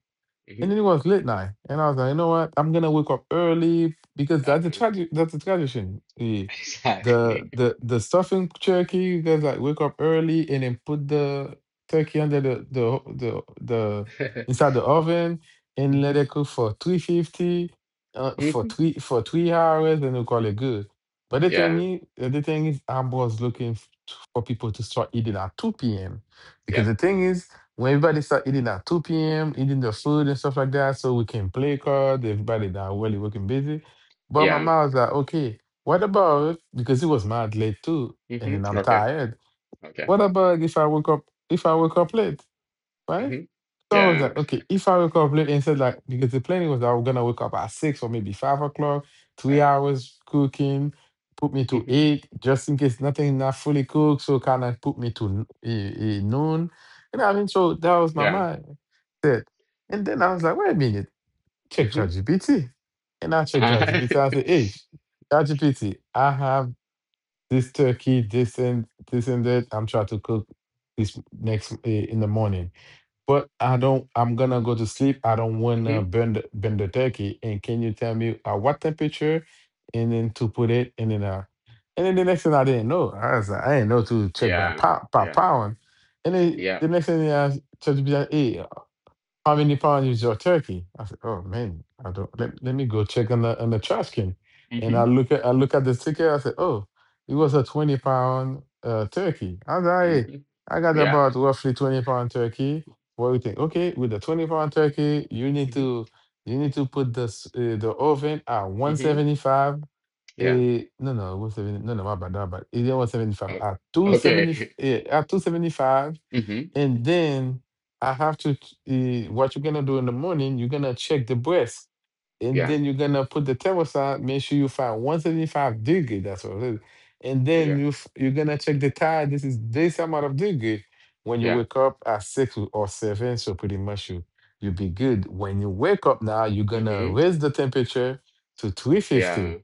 Speaker 1: and
Speaker 2: hmm
Speaker 1: then it was late night, and I was like, you know what? I'm gonna wake up early because that's a
Speaker 2: Uh-huh.
Speaker 1: tragic. That's a tradition. The
Speaker 2: Exactly.
Speaker 1: the the, the stuffing turkey. You guys like wake up early and then put the turkey under the inside the oven and let
Speaker 2: hmm
Speaker 1: it cook for 350, for
Speaker 2: hmm
Speaker 1: 3 hours, and we call it good. But
Speaker 2: Yeah.
Speaker 1: the thing is, I was looking for people to start eating at 2 p.m. Because
Speaker 2: Yeah.
Speaker 1: the thing is, when everybody start eating at 2 p.m., eating their food
Speaker 2: hmm
Speaker 1: and stuff like that, so we can play cards, everybody that really working busy. But my
Speaker 2: Yeah.
Speaker 1: mom was like, okay, what about because it was mad late too, and
Speaker 2: hmm
Speaker 1: then I'm
Speaker 2: Okay.
Speaker 1: tired.
Speaker 2: Okay.
Speaker 1: What about if I wake up late, right?
Speaker 2: hmm
Speaker 1: So I was
Speaker 2: Yeah.
Speaker 1: like, okay, if I wake up late and said like because the planning was that I was gonna wake up at 6 or maybe 5 o'clock, three
Speaker 2: Yeah.
Speaker 1: hours cooking, put me to
Speaker 2: hmm
Speaker 1: 8, just in case not fully cooked, so kind of put me to noon. You know what I mean? So that was my
Speaker 2: Yeah.
Speaker 1: mind set. And then I was like, wait a minute, check
Speaker 2: hmm
Speaker 1: ChatGPT. And I checked ChatGPT. I said, hey, ChatGPT, I have this turkey, this and this and that. I'm trying to cook this in the morning but I don't. I'm gonna go to sleep. I don't wanna
Speaker 2: hmm
Speaker 1: burn the turkey. And can you tell me at what temperature, and then to put it, and then the next thing I didn't know. I was like, I didn't know to check
Speaker 2: Yeah.
Speaker 1: by
Speaker 2: Yeah.
Speaker 1: pound. And then
Speaker 2: Yeah.
Speaker 1: the next thing I checked, hey, how many pounds is your turkey? I said, oh man, I don't let, let me go check on the trash can. And
Speaker 2: hmm
Speaker 1: I look at the ticket, I said, oh, it was a 20 pound turkey. I was like, "Hey,
Speaker 2: hmm
Speaker 1: I got
Speaker 2: Yeah.
Speaker 1: about roughly 20 pound turkey. What do you think? Okay, with the 20 pound turkey,
Speaker 2: hmm
Speaker 1: you need to put this the oven at
Speaker 2: hmm
Speaker 1: 175
Speaker 2: Yeah.
Speaker 1: No, it was 70. No, no, my bad, my bad. It was 75.
Speaker 2: Oh,
Speaker 1: At 270,
Speaker 2: okay.
Speaker 1: at 275,
Speaker 2: hmm
Speaker 1: and then I have to, what you're gonna do in the morning, you're gonna check the breast, and
Speaker 2: Yeah.
Speaker 1: then you're gonna put the thermostat, make sure you find 175 degree, that's what it is. And then
Speaker 2: Yeah.
Speaker 1: you're gonna check the tide, this is this amount of degree when you
Speaker 2: Yeah.
Speaker 1: wake up at six or seven, so pretty much you'll be good. When you wake up now, you're gonna
Speaker 2: hmm
Speaker 1: raise the temperature to 350,
Speaker 2: Yeah.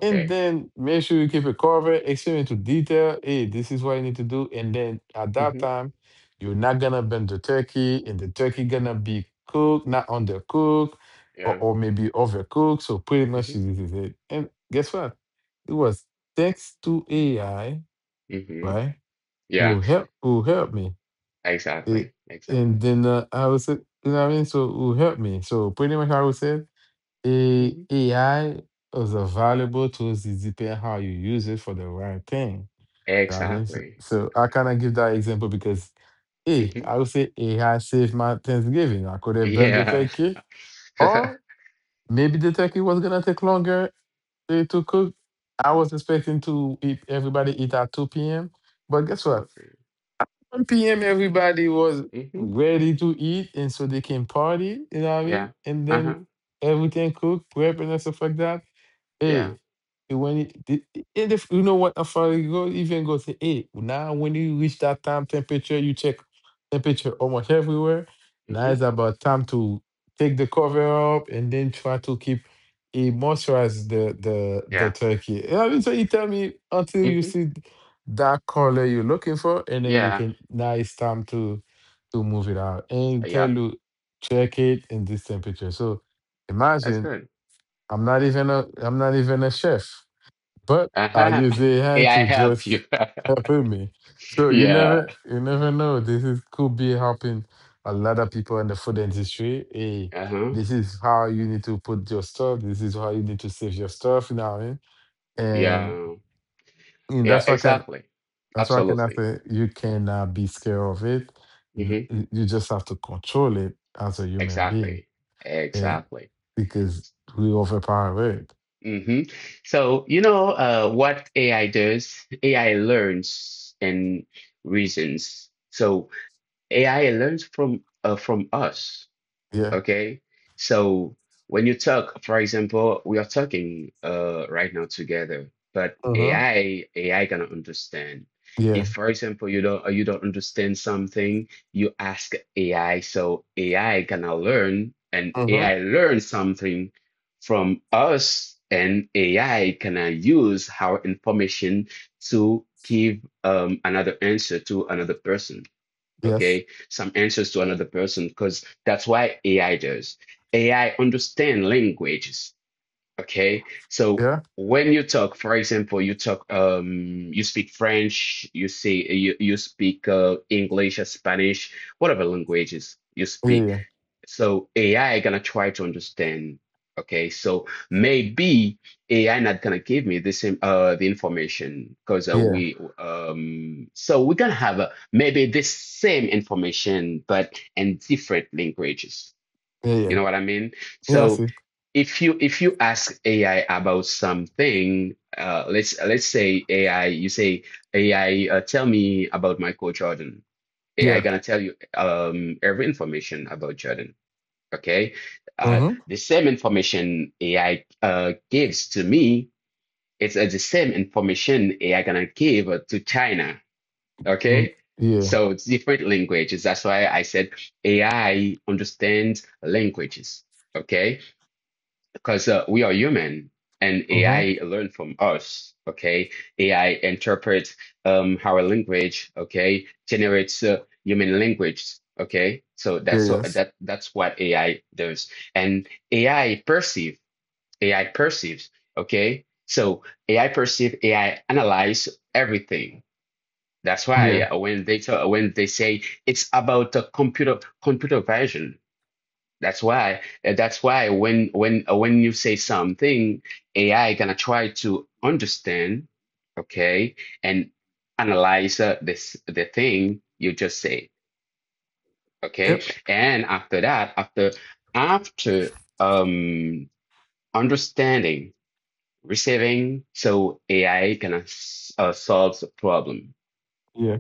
Speaker 1: and then make sure you keep it covered, explain it to detail. Hey, this is what you need to do. And then at that
Speaker 2: hmm
Speaker 1: time, you're not gonna burn the turkey, and the turkey gonna be cooked, not undercooked, or,
Speaker 2: Yeah.
Speaker 1: or maybe overcooked. So pretty much
Speaker 2: hmm
Speaker 1: this is it. And guess what? It was thanks to AI,
Speaker 2: hmm
Speaker 1: right?
Speaker 2: Yeah,
Speaker 1: Who help me. It,
Speaker 2: exactly.
Speaker 1: and
Speaker 2: Exactly.
Speaker 1: then I was you know what I mean? So who helped me? So pretty much I would say
Speaker 2: hmm
Speaker 1: AI is a valuable tool. It depends how you use it for the right thing. I mean, so,
Speaker 2: Exactly.
Speaker 1: so I kind of give that example because, hey,
Speaker 2: hmm
Speaker 1: I would say AI saved my Thanksgiving. I could have burned the
Speaker 2: Yeah.
Speaker 1: turkey, or maybe the turkey was gonna take longer to cook. I was expecting to eat at 2 p.m., but guess what?
Speaker 2: Absolutely.
Speaker 1: 1 p.m. everybody was
Speaker 2: Hmm
Speaker 1: ready to eat, and so they can party. You know what I
Speaker 2: Yeah.
Speaker 1: mean? And then
Speaker 2: Uh-huh.
Speaker 1: everything cooked, prep, and stuff like that.
Speaker 2: Yeah.
Speaker 1: Hey, and if you know what, after you go, even go say, hey, now when you reach that time temperature, you check temperature almost everywhere. Now
Speaker 2: hmm
Speaker 1: it's about time to take the cover up and then try to keep it moisturize the
Speaker 2: Yeah.
Speaker 1: turkey. So you tell me until you
Speaker 2: hmm
Speaker 1: see that color you're looking for, and then you
Speaker 2: Yeah.
Speaker 1: can now it's time to move it out and tell
Speaker 2: Yeah.
Speaker 1: you check it in this temperature. So
Speaker 2: That's
Speaker 1: imagine
Speaker 2: good.
Speaker 1: I'm not even a chef, but I
Speaker 2: Uh-huh.
Speaker 1: use AI
Speaker 2: May I
Speaker 1: to
Speaker 2: help
Speaker 1: just
Speaker 2: you.
Speaker 1: help me. So
Speaker 2: Yeah.
Speaker 1: you never know. This is could be helping a lot of people in the food industry. Hey,
Speaker 2: Uh-huh.
Speaker 1: this is how you need to put your stuff. This is how you need to save your stuff. You know what I mean? And,
Speaker 2: Yeah.
Speaker 1: and
Speaker 2: Yeah,
Speaker 1: that's why.
Speaker 2: exactly.
Speaker 1: That's why I cannot
Speaker 2: Absolutely.
Speaker 1: say you cannot be scared of it.
Speaker 2: Hmm
Speaker 1: You just have to control it as a human being.
Speaker 2: Exactly.
Speaker 1: Yeah.
Speaker 2: Exactly.
Speaker 1: Because we overpower it.
Speaker 2: hmm So, you know, what AI does, AI learns and reasons. So AI learns from us.
Speaker 1: Yeah.
Speaker 2: Okay. So when you talk, for example, we are talking right now together, but
Speaker 1: Mm-hmm.
Speaker 2: AI, AI gonna understand.
Speaker 1: Yeah.
Speaker 2: If, for example, you don't understand something, you ask AI, so AI gonna learn, and
Speaker 1: Mm-hmm.
Speaker 2: AI learns something from us, and AI gonna use our information to give another answer to another person,
Speaker 1: Yes.
Speaker 2: okay, some answers to another person, because that's why AI does. AI understand languages, okay? So
Speaker 1: Yeah.
Speaker 2: when you talk, for example, you talk, you speak French, you speak English, Spanish, whatever languages you speak,
Speaker 1: Yeah.
Speaker 2: so AI gonna try to understand. Okay, so maybe AI not gonna give me the same the information because
Speaker 1: Yeah.
Speaker 2: we so we gonna have maybe the same information but in different languages.
Speaker 1: Yeah. Yeah.
Speaker 2: You
Speaker 1: Yeah.
Speaker 2: know what I mean?
Speaker 1: Yeah. I
Speaker 2: So
Speaker 1: see.
Speaker 2: if you ask AI about something, let's say AI, you say AI tell me about Michael Jordan. AI
Speaker 1: Yeah.
Speaker 2: gonna tell you every information about Jordan. Okay. Uh,
Speaker 1: Mm-hmm.
Speaker 2: the same information AI gives to me, it's the same information AI gonna give to China.
Speaker 1: Mm,
Speaker 2: Okay.
Speaker 1: yeah.
Speaker 2: So it's different languages. That's why I said AI understands languages. Okay, because we are human and
Speaker 1: Mm-hmm.
Speaker 2: AI learn from us. Okay, AI interprets our language. Okay, generates human language. Okay, so
Speaker 1: Yeah.
Speaker 2: that's so
Speaker 1: Yes.
Speaker 2: that's what AI does, and AI perceive. AI perceives. Okay, so AI perceive. AI analyze everything. That's why
Speaker 1: Yeah.
Speaker 2: when they tell, when they say it's about the computer vision, that's why when when you say something, AI gonna try to understand, okay, and analyze this the thing you just say, okay?
Speaker 1: Yep.
Speaker 2: And after that, after after um understanding, receiving, so AI gonna solves the problem.
Speaker 1: Yeah.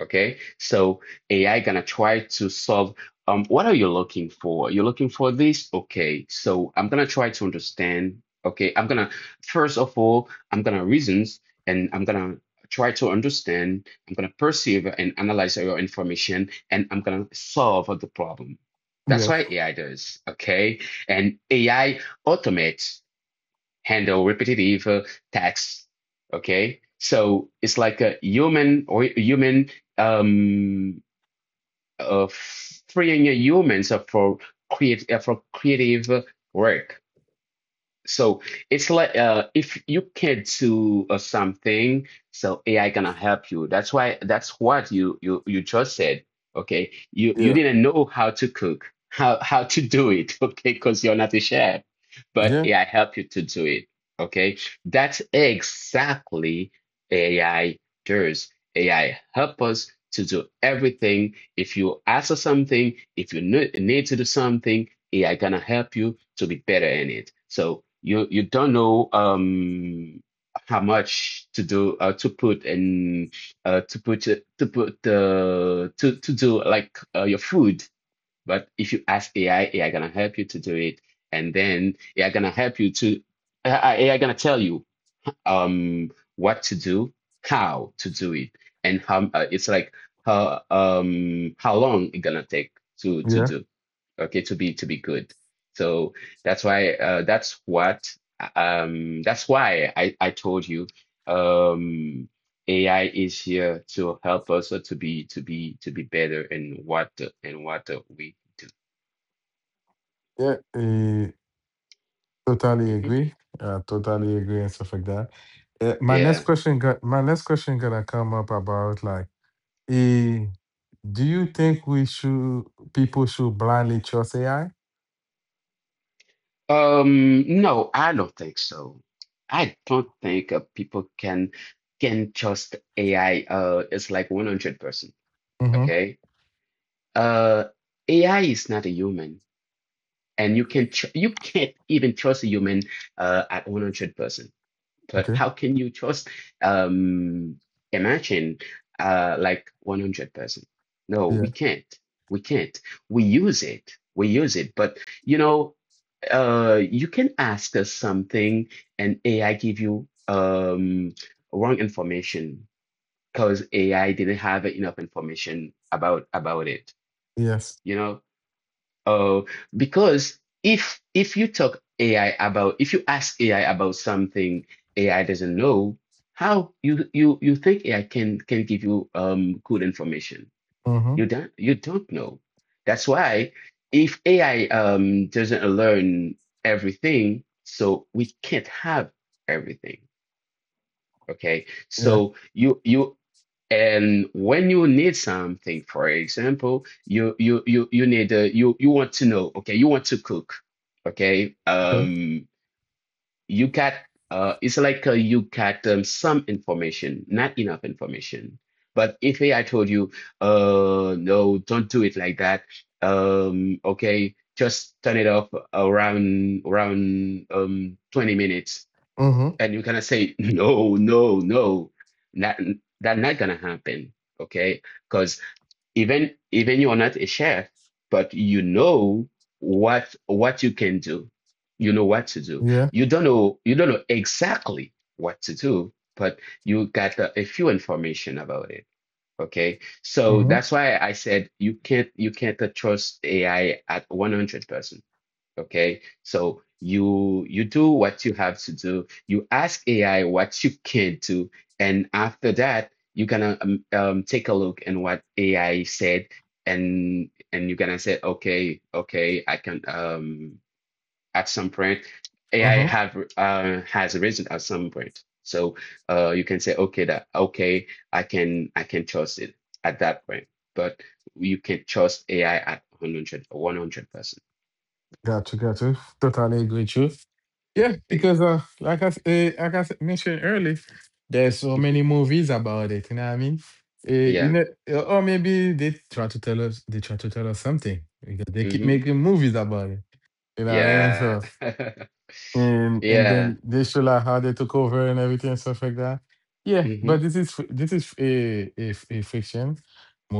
Speaker 2: Okay, so AI gonna try to solve what are you looking for? You're looking for this? Okay, so I'm gonna try to understand. Okay, I'm gonna I'm gonna reasons and I'm gonna try to understand, I'm gonna perceive and analyze your information, and I'm gonna solve the problem. That's
Speaker 1: Yes.
Speaker 2: why AI does, okay? And AI automates handle repetitive tasks. Okay, so it's like a human or human um uh, freeing humans for creative work. So it's like if you can't do something, so AI gonna help you. That's why that's what you just said. Okay, you
Speaker 1: Yeah.
Speaker 2: didn't know how to cook, how to do it. Okay, because you're not a chef, but
Speaker 1: Yeah.
Speaker 2: AI help you to do it. Okay, that's exactly AI does. AI help us to do everything. If you ask for something, if you need to do something, AI can help you to be better in it. So you don't know how much to put in uh to put uh, to do your food, but if you ask AI, AI gonna help you to do it, and then AI gonna help you to AI gonna tell you um what to do, how to do it, and how it's like how long it gonna take to
Speaker 1: Yeah.
Speaker 2: to
Speaker 1: Yeah.
Speaker 2: do, okay, to be good. So that's why that's what that's why I told you, um AI is here to help us, to be to be to be better in what we do.
Speaker 1: Yeah. Totally
Speaker 2: hmm
Speaker 1: agree. Totally agree and stuff like that.
Speaker 2: yeah.
Speaker 1: My next question gonna come up about like, eh, do you think we should people should blindly trust AI?
Speaker 2: No, I don't think so. I don't think people can trust AI. It's like 100%.
Speaker 1: Mm-hmm.
Speaker 2: Okay. uh AI is not a human, and you can't even trust a human at 100%. But
Speaker 1: Okay.
Speaker 2: how can you trust, um imagine, like, 100%? No, we
Speaker 1: Yeah.
Speaker 2: can't we can't We use it, but you know you can ask us something, and AI give you wrong information because AI didn't have enough information about it
Speaker 1: Yes.
Speaker 2: you know Oh, because if you talk AI about, if you ask AI about something AI doesn't know, how you think AI can give you good information?
Speaker 1: Mm-hmm.
Speaker 2: You don't know. That's why if AI doesn't learn everything, so we can't have everything. Okay.
Speaker 1: Yeah.
Speaker 2: So you and when you need something, for example, you need, you want to know, okay, you want to cook, okay?
Speaker 1: Okay.
Speaker 2: You got, it's like, you got some information, not enough information. But if hey, I told you, no, don't do it like that. Okay, just turn it off around 20 minutes,
Speaker 1: Mm-hmm.
Speaker 2: and you're gonna say no, that that's not gonna happen. Okay, because even you're not a chef, but you know what you can do, you know what to do.
Speaker 1: Yeah.
Speaker 2: You don't know you don't know exactly what to do, but you got a few information about it. Okay, so
Speaker 1: Mm-hmm.
Speaker 2: that's why I said you can't, you can't trust AI at 100%. Okay, so you do what you have to do. You ask AI what you can do, and after that, you're gonna take a look and what AI said, and you're gonna say, okay, okay, I can, at some point AI
Speaker 1: Mm-hmm.
Speaker 2: have has arisen at some point. So you can say, okay, that okay, I can, trust it at that point, but you can trust AI at one hundred one hundred percent.
Speaker 1: Gotcha, gotcha. Totally agree with you. Yeah, because like like mentioned earlier, there's so many movies about it. You know what I mean?
Speaker 2: Yeah.
Speaker 1: Or maybe they try to tell us something because they keep
Speaker 2: Mm-hmm.
Speaker 1: making movies about it. You know what I mean?
Speaker 2: Yeah.
Speaker 1: So and
Speaker 2: Yeah.
Speaker 1: then they show like how they took over and everything and stuff like that. Yeah,
Speaker 2: Mm-hmm.
Speaker 1: but this is a fiction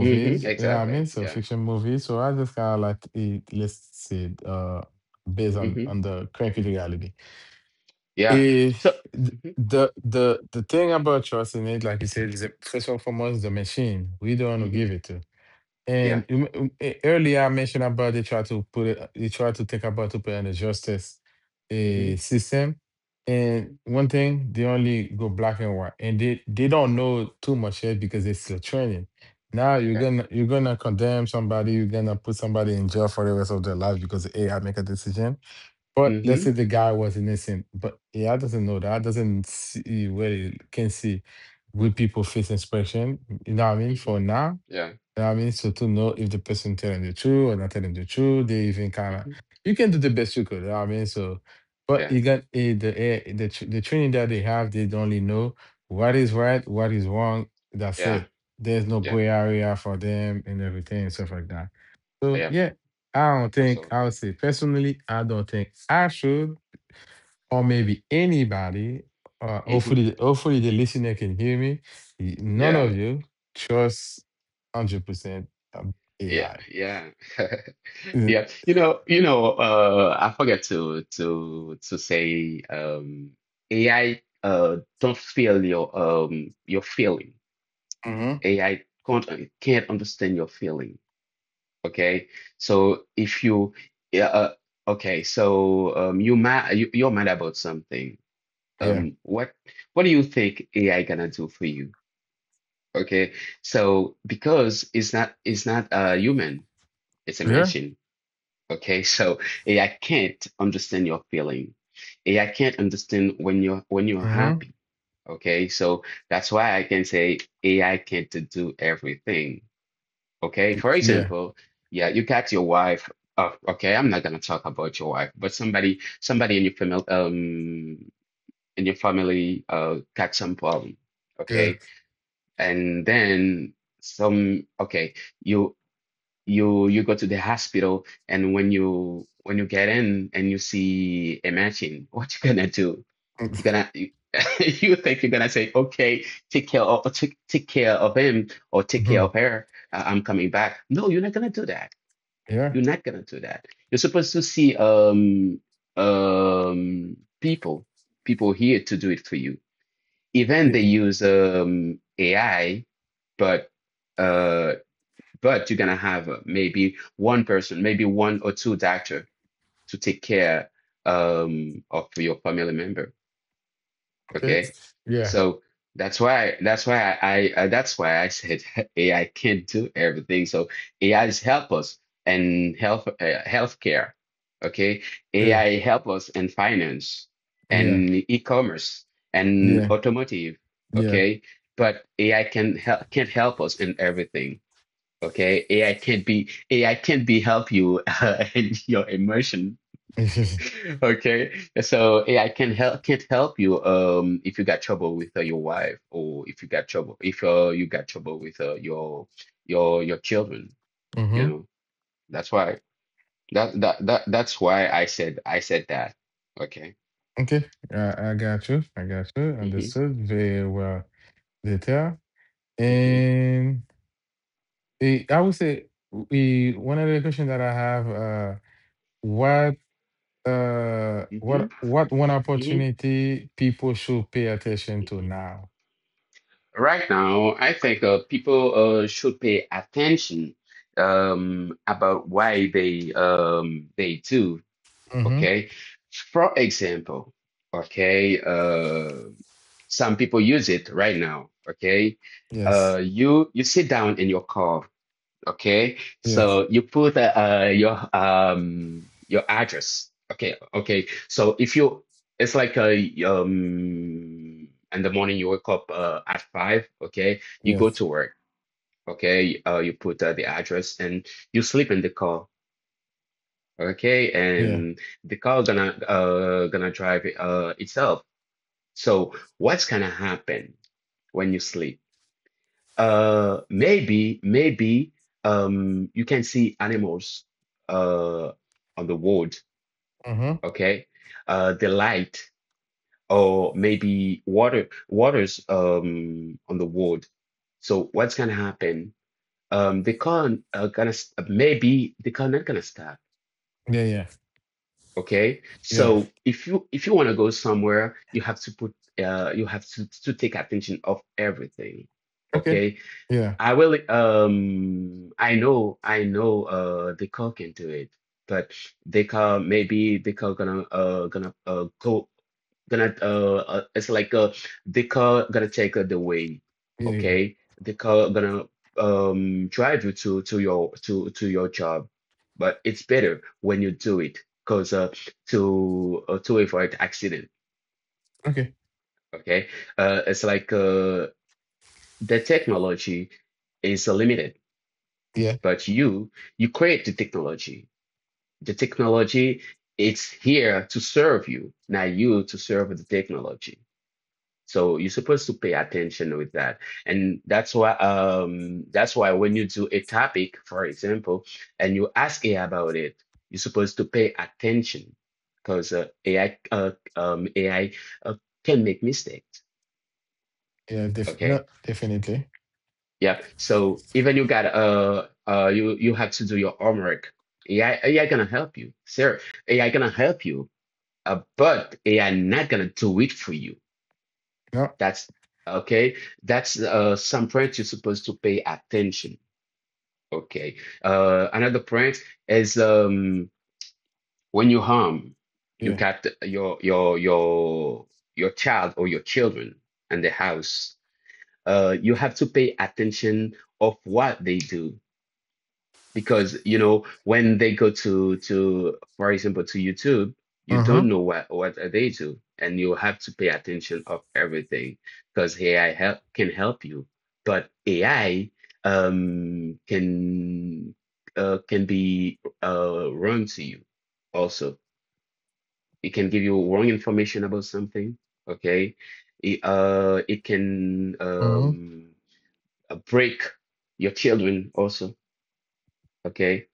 Speaker 2: Mm-hmm.
Speaker 1: You know what I
Speaker 2: Exactly.
Speaker 1: mean? So
Speaker 2: Yeah.
Speaker 1: fiction movies. So I just kind of like it, let's say based on
Speaker 2: Mm-hmm.
Speaker 1: the current reality.
Speaker 2: Yeah.
Speaker 1: Eh,
Speaker 2: So, mm-hmm.
Speaker 1: the thing about trust in it, like you said, is that first and foremost the machine. We don't want to
Speaker 2: Mm-hmm.
Speaker 1: give it to.
Speaker 2: Yeah.
Speaker 1: Earlier I mentioned about they try to think about to put in a justice
Speaker 2: Mm-hmm.
Speaker 1: system. And
Speaker 2: Mm-hmm.
Speaker 1: one thing, they only go black and white, and they don't know too much yet because it's still training. Now
Speaker 2: Okay.
Speaker 1: you're gonna condemn somebody, you're gonna put somebody in jail for the rest of their life because AI make a decision. But let's say
Speaker 2: Mm-hmm.
Speaker 1: the guy was innocent, but AI doesn't know that, doesn't see where it can see good people face expression. You know what I mean?
Speaker 2: Mm-hmm.
Speaker 1: For now,
Speaker 2: Yeah.
Speaker 1: you know what I mean? So to know if the person telling the truth or not telling the truth, they even kind of
Speaker 2: Mm-hmm.
Speaker 1: you can do the best you could. You know what I mean? So, but
Speaker 2: Yeah.
Speaker 1: you got the training that they have, they only know what is right, what is wrong. That's
Speaker 2: Yeah.
Speaker 1: it. There's no
Speaker 2: Yeah.
Speaker 1: gray area for them and everything and stuff like that. So
Speaker 2: Yeah.
Speaker 1: yeah, I don't think I would
Speaker 2: Absolutely.
Speaker 1: say personally, I don't think I should or maybe anybody,
Speaker 2: Mm-hmm.
Speaker 1: hopefully, hopefully the listener can hear me. None
Speaker 2: Yeah.
Speaker 1: of you trust 100%
Speaker 2: Yeah.
Speaker 1: AI.
Speaker 2: Yeah. Yeah. You know, I forget to say, AI don't feel your feelings.
Speaker 1: Mm-hmm.
Speaker 2: AI can't understand your feeling. Okay, so if you, yeah, okay, so you mad, you're mad about something.
Speaker 1: Yeah.
Speaker 2: What do you think AI gonna do for you? Okay, so because it's not a human, it's a
Speaker 1: Yeah.
Speaker 2: machine. Okay, so AI can't understand your feeling. AI can't understand when you're,
Speaker 1: hmm
Speaker 2: happy. Okay, so that's why I can say AI can't do everything. Okay, for
Speaker 1: Yeah.
Speaker 2: example, yeah, you got your wife. Oh, okay, I'm not gonna talk about your wife, but somebody, in your family, got some problem.
Speaker 1: Yeah.
Speaker 2: Okay, and then some. Okay, you you go to the hospital, and when you, get in and you see a machine, what you gonna do? You're gonna you, you think you're gonna say, okay, take care of take care of him, or take care
Speaker 1: Mm-hmm.
Speaker 2: of her. I'm coming back. No, you're not gonna do that,
Speaker 1: Yeah.
Speaker 2: You're supposed to see people, here to do it for you. Even
Speaker 1: Yeah.
Speaker 2: they use AI, but uh but you're gonna have, maybe one person, maybe one or two doctor to take care of your family member.
Speaker 1: Okay.
Speaker 2: Okay.
Speaker 1: Yeah.
Speaker 2: So that's why, that's why I that's why I said AI can't do everything. So AI is help us in health, healthcare. Okay.
Speaker 1: Yeah.
Speaker 2: AI help us in finance
Speaker 1: Yeah.
Speaker 2: and e-commerce and
Speaker 1: Yeah.
Speaker 2: automotive.
Speaker 1: Yeah.
Speaker 2: Okay. But AI can't help us in everything. Okay. AI can't be help you in your emotion.
Speaker 1: mm-hmm.
Speaker 2: Okay, so yeah, I can't help you if you got trouble with, your wife, or if you got trouble, if you got trouble with, your, your children, you know. That's why, that's why I said, that. Okay.
Speaker 1: Okay. I got you. I got you.
Speaker 2: hmm
Speaker 1: Understood very well. Detail.
Speaker 2: hmm
Speaker 1: And I would say one of the questions that I have. What
Speaker 2: hmm
Speaker 1: what one
Speaker 2: hmm
Speaker 1: opportunity people should pay attention to now
Speaker 2: Right now, I think, people should pay attention about why they, they do.
Speaker 1: mm-hmm
Speaker 2: Okay. For example, okay, some people use it right now. Okay.
Speaker 1: yes
Speaker 2: You sit down in your car. Okay.
Speaker 1: yes
Speaker 2: So you put, your address. Okay. Okay. So if you, it's like a in the morning you wake up, at five. Okay. You go
Speaker 1: yes
Speaker 2: to work. Okay. You put, the address and you sleep in the car. Okay,
Speaker 1: yeah
Speaker 2: and the car gonna, gonna drive it, itself. So what's gonna happen when you sleep? Maybe, you can see animals uh on the road.
Speaker 1: mm-hmm
Speaker 2: Okay, the light, or maybe water, waters on the road. So what's gonna happen? The car, maybe the car not gonna stop.
Speaker 1: yeah yeah
Speaker 2: Okay,
Speaker 1: yeah
Speaker 2: so if you, want to go somewhere, you have to put, you have to take attention of everything.
Speaker 1: okay
Speaker 2: Okay,
Speaker 1: yeah
Speaker 2: I will, I know, the call can do it, but the call, maybe the call gonna, it's like, the call gonna take, the way,
Speaker 1: yeah yeah
Speaker 2: okay? The call gonna, drive you to your, to your job, but it's better when you do it, cause, to avoid accident,
Speaker 1: okay
Speaker 2: okay? It's like, the technology is limited.
Speaker 1: yeah
Speaker 2: But you, create the technology. The technology, it's here to serve you, not you to serve the technology. So you're supposed to pay attention with that. And that's why, that's why when you do a topic, for example, and you ask AI about it, you're supposed to pay attention because, AI, uh, can make mistakes.
Speaker 1: yeah
Speaker 2: Okay.
Speaker 1: no definitely
Speaker 2: Yep. So even you got you, have to do your homework. AI gonna help you, sir. AI gonna help you, but AI not gonna do it for you.
Speaker 1: no
Speaker 2: That's okay. That's, some point you're supposed to pay attention. Okay. Another point is, when you harm, you
Speaker 1: yeah
Speaker 2: got your child or your children in the house. You have to pay attention of what they do, because you know when they go to, for example to YouTube, you
Speaker 1: uh-huh
Speaker 2: don't know what are they do, and you have to pay attention of everything because AI help can help you, but AI can, can be, wrong to you also. It can give you wrong information about something, okay? It, it can,
Speaker 1: mm-hmm
Speaker 2: break your children also, okay?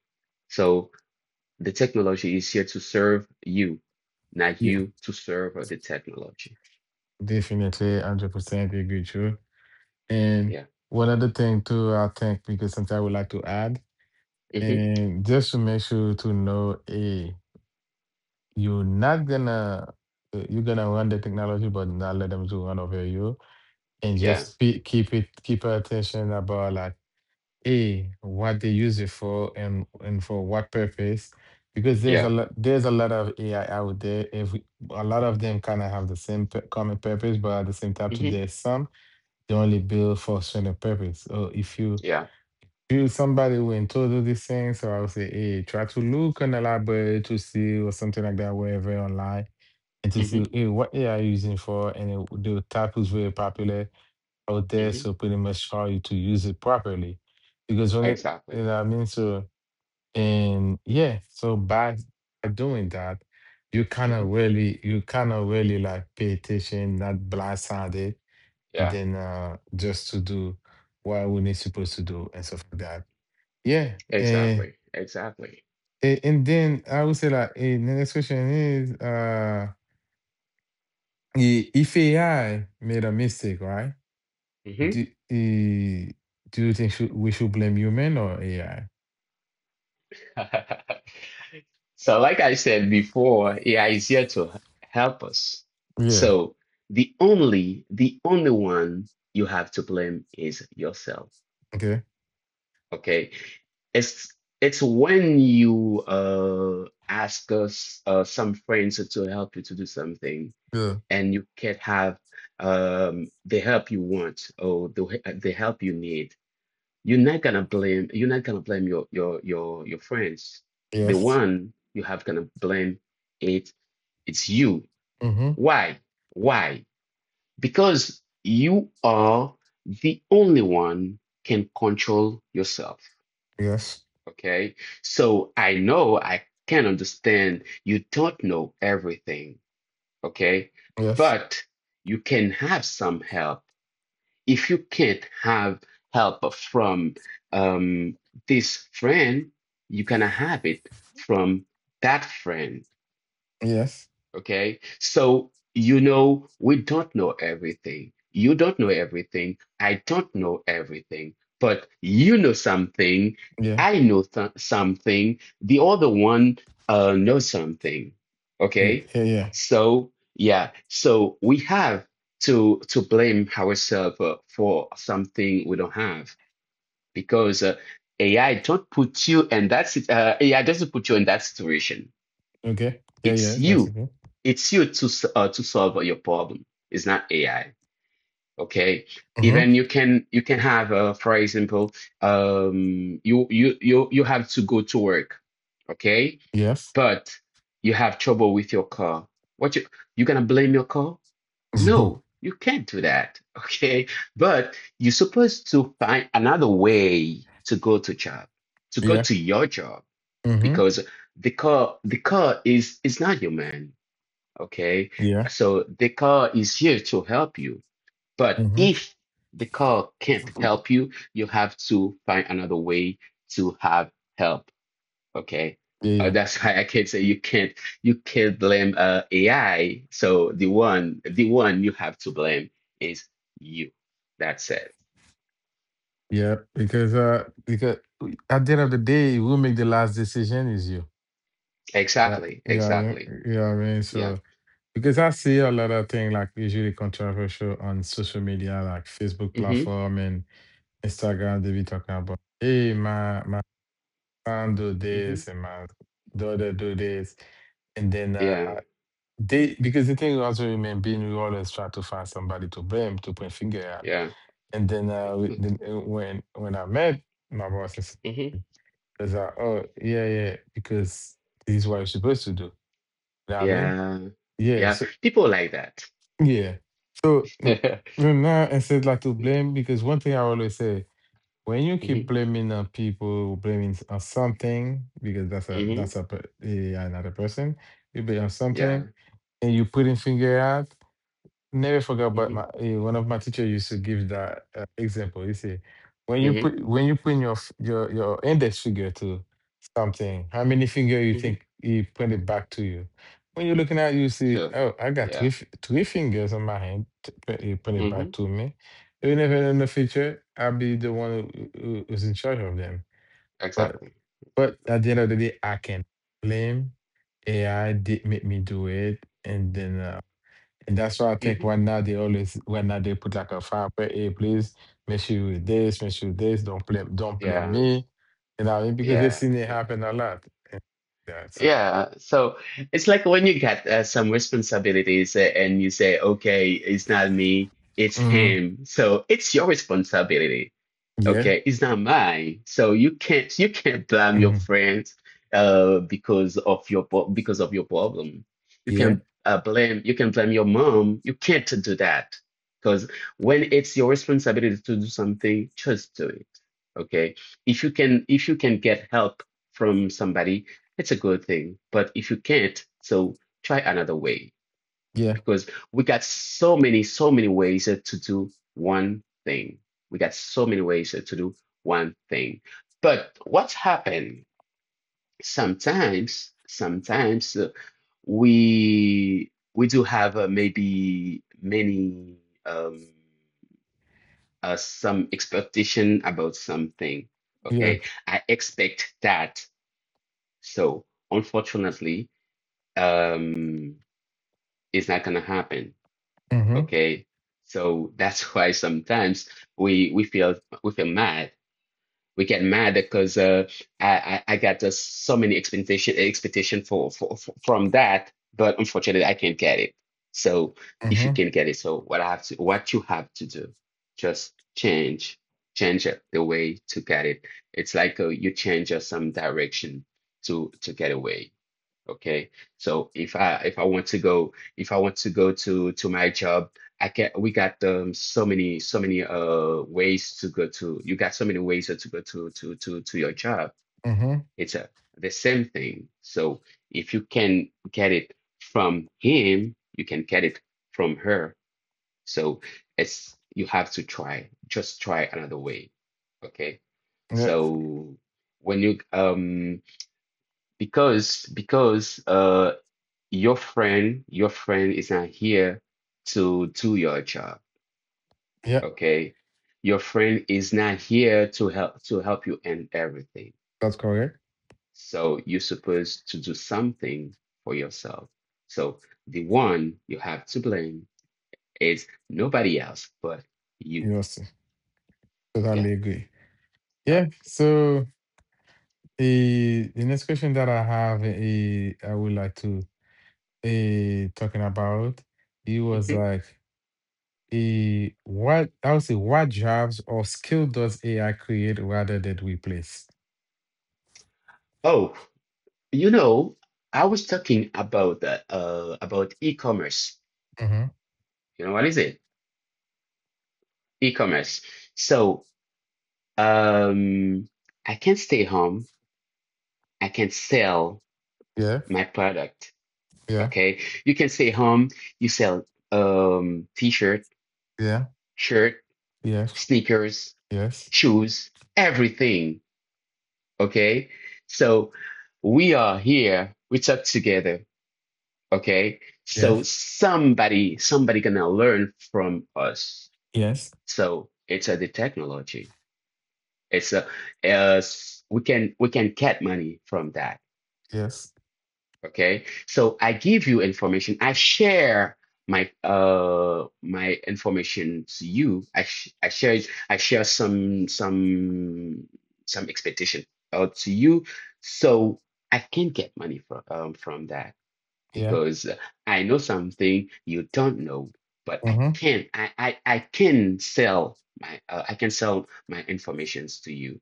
Speaker 2: So the technology is here to serve you, not
Speaker 1: yeah
Speaker 2: you to serve the technology.
Speaker 1: definitely 100% agree with you. And
Speaker 2: Yeah.
Speaker 1: one other thing too, I think because something I would like to add
Speaker 2: hmm
Speaker 1: and just to make sure to know you're not gonna you're gonna run the technology, but not let them to run over you, and
Speaker 2: Yeah.
Speaker 1: just keep it keep our attention about like, hey, what they use it for and for what purpose. Because
Speaker 2: Yeah.
Speaker 1: there's a lot of AI out there. Every a lot of them kind of have the same common purpose, but at the same time, too,
Speaker 2: hmm
Speaker 1: there's some they only build for certain purpose. So if
Speaker 2: Yeah.
Speaker 1: you somebody who into do these things, so I would say, hey, try to look and elaborate to see or something like that, wherever online and to see
Speaker 2: hmm
Speaker 1: hey, what AI are using for, and it, the type is very popular out there,
Speaker 2: hmm
Speaker 1: so pretty much how you to use it properly, because when it, you
Speaker 2: Exactly.
Speaker 1: know what I mean, so and
Speaker 2: hmm
Speaker 1: yeah, so by doing that, you kind of
Speaker 2: hmm
Speaker 1: really, you kind of really like pay attention, not blindsided, and
Speaker 2: Yeah.
Speaker 1: then just to do what we need supposed to do and stuff like that. Yeah,
Speaker 2: Exactly. Exactly.
Speaker 1: and then I would say like the next question is if AI made a mistake, right? Do,
Speaker 2: hmm
Speaker 1: eh, do you think should, we should blame human or AI?
Speaker 2: So, like I said before, AI is here to help us.
Speaker 1: Yeah.
Speaker 2: So, the only, one you have to blame is yourself.
Speaker 1: Okay.
Speaker 2: Okay. It's, when you ask us, some friends to help you to do something,
Speaker 1: Yeah.
Speaker 2: and you can't have the help you want, or the the help you need. You're not gonna blame, your, your friends. The
Speaker 1: Yes.
Speaker 2: one you have gonna blame, it it's you.
Speaker 1: Mm-hmm.
Speaker 2: Why? Why? Because you are the only one can control yourself.
Speaker 1: Yes.
Speaker 2: Okay, so I know, I can understand you don't know everything, okay?
Speaker 1: Yes.
Speaker 2: But you can have some help. If you can't have help from, um, this friend, you can have it from that friend.
Speaker 1: Yes.
Speaker 2: Okay, so you know, we don't know everything. You don't know everything. I don't know everything. But you know something.
Speaker 1: Yeah.
Speaker 2: I know th something. The other one, knows something.
Speaker 1: Yeah.
Speaker 2: Okay,
Speaker 1: Yeah. Yeah.
Speaker 2: so yeah, so we have to blame ourselves, for something we don't have, because, AI don't put you in that sit- AI doesn't put you in that situation.
Speaker 1: Okay. Yeah. Yeah.
Speaker 2: It's
Speaker 1: That's
Speaker 2: you.
Speaker 1: okay.
Speaker 2: It's you to solve your problem. It's not AI. Okay.
Speaker 1: Mm-hmm.
Speaker 2: Even you can, have, for example, you, have to go to work. Okay.
Speaker 1: Yes.
Speaker 2: But you have trouble with your car. What you, gonna blame your car? No, you can't do that. Okay. But you're supposed to find another way to go to job, to go
Speaker 1: yeah.
Speaker 2: to your job
Speaker 1: Mm-hmm.
Speaker 2: because the car is not your man. Okay,
Speaker 1: Yeah.
Speaker 2: so the car is here to help you, but
Speaker 1: Mm-hmm.
Speaker 2: if the car can't help you, you have to find another way to have help. Okay,
Speaker 1: Yeah. Yeah.
Speaker 2: that's why I can't say you can't blame AI. So the one you have to blame is you. That's it.
Speaker 1: Yeah. Because at the end of the day, who make the last decision is you. Yeah.
Speaker 2: Exactly,
Speaker 1: Yeah.
Speaker 2: exactly.
Speaker 1: Yeah.
Speaker 2: Yeah.
Speaker 1: Because I see a lot of things like usually controversial on social media, like Facebook
Speaker 2: Mm-hmm.
Speaker 1: platform and Instagram. They be talking about, hey, my son do
Speaker 2: Mm-hmm.
Speaker 1: this and my daughter do this, and then
Speaker 2: Yeah.
Speaker 1: they because the thing also remain being we always try to find somebody to blame to point finger at,
Speaker 2: Yeah.
Speaker 1: and then then, when I met my boss, is
Speaker 2: Mm-hmm.
Speaker 1: was like, oh yeah yeah, because this is what you're supposed to do. You know what I mean?
Speaker 2: Yeah.
Speaker 1: Yeah,
Speaker 2: Yeah.
Speaker 1: so
Speaker 2: People like that.
Speaker 1: Yeah. So now instead like to
Speaker 2: hmm
Speaker 1: blame because one thing I always say when you keep blaming on people, blaming on something because that's a
Speaker 2: hmm
Speaker 1: that's another person, you blame on something
Speaker 2: Yeah.
Speaker 1: and you putting finger out. Never forgot, but
Speaker 2: Mhm.
Speaker 1: my one of my teacher used to give that example. You see, when you
Speaker 2: Mhm.
Speaker 1: put your your index finger to something, how many finger you
Speaker 2: Mhm.
Speaker 1: think he pointed back to you? When you're looking at, you see,
Speaker 2: Sure.
Speaker 1: oh, I got
Speaker 2: Yeah.
Speaker 1: three fingers on my hand. He pointed back
Speaker 2: Mhm.
Speaker 1: to me. You never in the future, I'll be the one who's in charge of them. But
Speaker 2: Exactly. Exactly.
Speaker 1: at the end of the day, I can blame AI did make me do it, and then. And that's why I think
Speaker 2: Mhm.
Speaker 1: right now they always right now they put like a fire play, hey, please make sure you with this, make sure you this, don't blame
Speaker 2: Yeah.
Speaker 1: me. You know, what I mean? Because they've
Speaker 2: Yeah.
Speaker 1: seen it happen a lot. That's uh
Speaker 2: Yeah. So it's like when you get some responsibilities and you say, okay, it's not me, it's
Speaker 1: mm,
Speaker 2: him. So it's your responsibility.
Speaker 1: yeah,
Speaker 2: Okay, it's not mine. So you can't blame your
Speaker 1: hmm
Speaker 2: friends because of your because of your problem. You
Speaker 1: yeah,
Speaker 2: can blame you can blame your mom. You can't do that because when it's your responsibility to do something, just do it. Okay. If you can get help from somebody, it's a good thing. But if you can't, so try another way
Speaker 1: yeah,
Speaker 2: because we got so many, so many ways to do one thing. We got so many ways to do one thing. But what's happened sometimes, sometimes we do have maybe many um, some expectation about something.
Speaker 1: yeah.
Speaker 2: Okay, I expect that. So unfortunately, um, it's not gonna happen.
Speaker 1: Mm-hmm.
Speaker 2: Okay. So that's why sometimes we we feel we feel mad. We get mad because I got so many expectation for, from that, but unfortunately I can't get it. So if you
Speaker 1: Mm-hmm.
Speaker 2: can get it, so what you have to do, just change it, the way to get it. It's like you change some direction to get away. Okay. So if I want to go if I want to go to my job, I can we got so many ways to go to you got so many ways to go to your job.
Speaker 1: Mm-hmm.
Speaker 2: It's a the same thing. So if you can get it from him, you can get it from her. So it's you have to try. Just try another way. Okay.
Speaker 1: Yeah,
Speaker 2: So when you because your friend is not here to do your job,
Speaker 1: yeah,
Speaker 2: okay? Your friend is not here to help you in everything.
Speaker 1: that's correct.
Speaker 2: So you're supposed to do something for yourself. So the one you have to blame is nobody else but you.
Speaker 1: Yes,
Speaker 2: Yeah.
Speaker 1: totally agree.
Speaker 2: No.
Speaker 1: Yeah. So the next question that I have I would like to talking about, it was
Speaker 2: Mhm.
Speaker 1: like a what I would say what jobs or skill does AI create rather than replace?
Speaker 2: Oh, you know, I was talking about the about e-commerce.
Speaker 1: Hmm
Speaker 2: You know what is it? E-commerce. So um, I can stay home. I can sell
Speaker 1: Yeah,
Speaker 2: my product.
Speaker 1: yeah,
Speaker 2: Okay. You can stay home. You sell t-shirt,
Speaker 1: yeah,
Speaker 2: shirt,
Speaker 1: yes,
Speaker 2: sneakers,
Speaker 1: yes,
Speaker 2: shoes, everything. Okay. So we are here. We talk together. Okay. So
Speaker 1: yes,
Speaker 2: somebody, somebody gonna learn from us.
Speaker 1: yes,
Speaker 2: So it's a the technology. It's a, uh, we can get money from that.
Speaker 1: yes,
Speaker 2: Okay, so I give you information. I share my information to you. I share some expectation out to you, so I can get money from that
Speaker 1: yeah,
Speaker 2: because I know something you don't know, but
Speaker 1: mm-hmm,
Speaker 2: I can sell my I can sell my informations to you.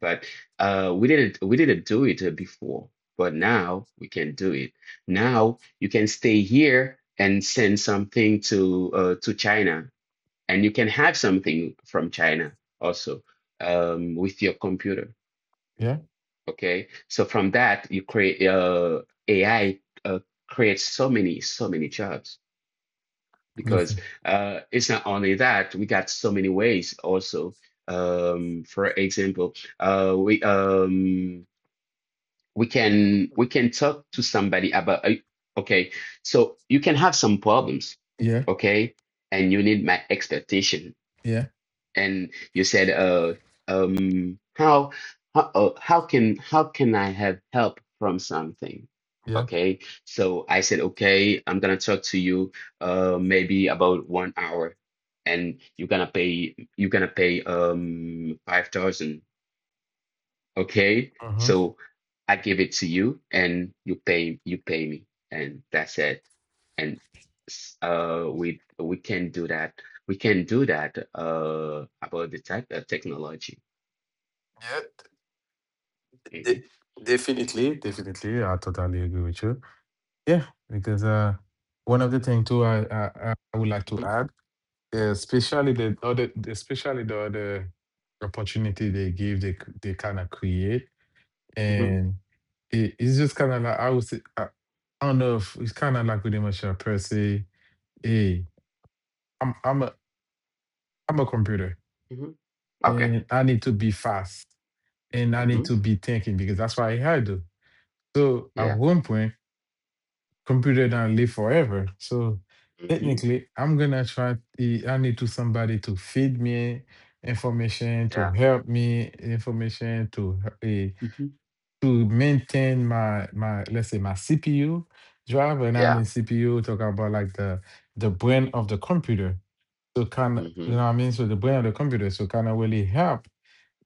Speaker 2: But we didn't do it before, but now we can do it. Now you can stay here and send something to China, and you can have something from China also with your computer.
Speaker 1: yeah,
Speaker 2: Okay, so from that you create AI uh, creates so many jobs because
Speaker 1: definitely,
Speaker 2: it's not only that we got so many ways also. For example, uh, we um, we can talk to somebody about okay so you can have some problems
Speaker 1: yeah,
Speaker 2: okay and you need my expectation
Speaker 1: yeah,
Speaker 2: and you said um how how can I have help from something
Speaker 1: yeah,
Speaker 2: okay so I said okay I'm gonna talk to you maybe about 1 hour and you're gonna pay 5,000. Okay,
Speaker 1: mm-hmm,
Speaker 2: so I give it to you, and you pay me, and that's it. And we can do that. We can do that about the type of technology.
Speaker 1: yeah, d-
Speaker 2: hmm
Speaker 1: de- definitely, definitely, I totally agree with you. Yeah, because one of the things too I would like to
Speaker 2: hmm
Speaker 1: add Yeah, especially the other opportunity they give, they kind of create,
Speaker 2: hmm
Speaker 1: and it, it's just kind of like I would say, I don't know if it's kind of like with Michelle Percy. Hey, I'm I'm a I'm a computer,
Speaker 2: hmm Okay.
Speaker 1: and I need to be fast, and I need
Speaker 2: hmm
Speaker 1: to be thinking because that's what I do. So at
Speaker 2: Yeah.
Speaker 1: one point. Computer don't live forever. So
Speaker 2: hmm
Speaker 1: technically, I'm gonna try. The, I need to somebody to feed me information, to
Speaker 2: Yeah.
Speaker 1: help me information, to
Speaker 2: hmm
Speaker 1: maintain my let's say my CPU drive. And I
Speaker 2: Yeah.
Speaker 1: mean CPU, talking about like the brain of the computer. So kind of, you know
Speaker 2: hmm
Speaker 1: what I mean? So the brain of the computer. So kind of really help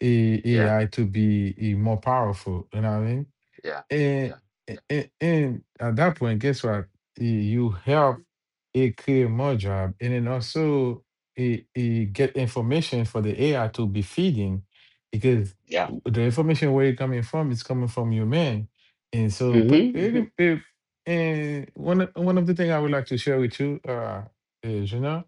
Speaker 1: a
Speaker 2: Yeah.
Speaker 1: AI to be more powerful. You know what I mean?
Speaker 2: Yeah.
Speaker 1: And,
Speaker 2: Yeah. Yeah.
Speaker 1: and at that point, guess what? You help
Speaker 2: Mhm.
Speaker 1: it create more job, and then also it get information for the AI to be feeding, because
Speaker 2: Yeah.
Speaker 1: the information where it coming from is coming from your man, and so
Speaker 2: hmm hmm
Speaker 1: it, and one of the thing I would like to share with you, is you know.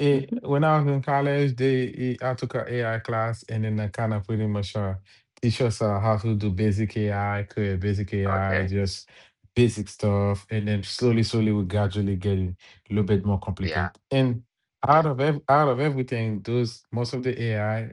Speaker 2: hmm
Speaker 1: When I was in college, I took an AI class, and then I kind of pretty much teach us how to do basic AI, create basic AI,
Speaker 2: Okay.
Speaker 1: just basic stuff, and then slowly, we gradually get a little bit more
Speaker 2: Yeah.
Speaker 1: complicated. And
Speaker 2: Yeah.
Speaker 1: out of everything, those most of the AI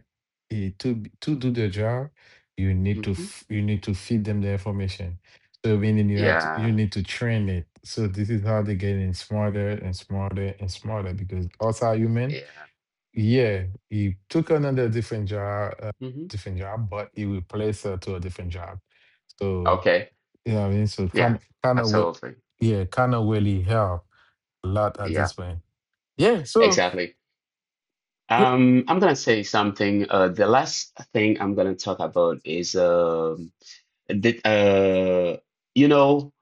Speaker 1: to to do their job, you need to
Speaker 2: hmm
Speaker 1: you need to feed them the information. So meaning you have to you
Speaker 2: Yeah.
Speaker 1: need to train it. So this is how they're getting smarter and smarter and smarter because us are human.
Speaker 2: Yeah.
Speaker 1: Yeah, he took another different job,
Speaker 2: hmm
Speaker 1: but he replaced her to a different job. So
Speaker 2: Okay.
Speaker 1: you know what I mean. So
Speaker 2: Yeah,
Speaker 1: kind of
Speaker 2: absolutely.
Speaker 1: yeah, kind of really help a lot at
Speaker 2: Yeah,
Speaker 1: this point. Yeah. So
Speaker 2: exactly.
Speaker 1: yeah.
Speaker 2: I'm gonna say something. The last thing I'm gonna talk about is the you know,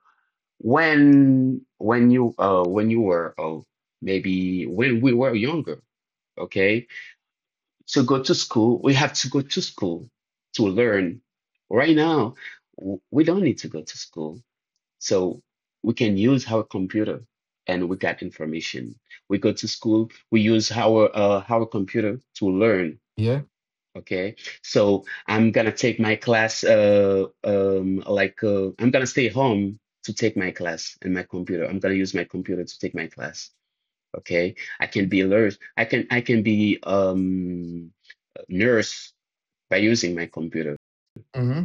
Speaker 2: when you were oh maybe when we were younger, okay, to go to school, we have to go to school to learn. Right now, we don't need to go to school. So we can use our computer and we got information. We go to school, we use our computer to learn.
Speaker 1: Yeah.
Speaker 2: Okay. So I'm gonna take my class like I'm gonna stay home to take my class and my computer. I'm gonna use my computer to take my class. Okay. I can be alert. I can be nurse by using my computer.
Speaker 1: Mm-hmm.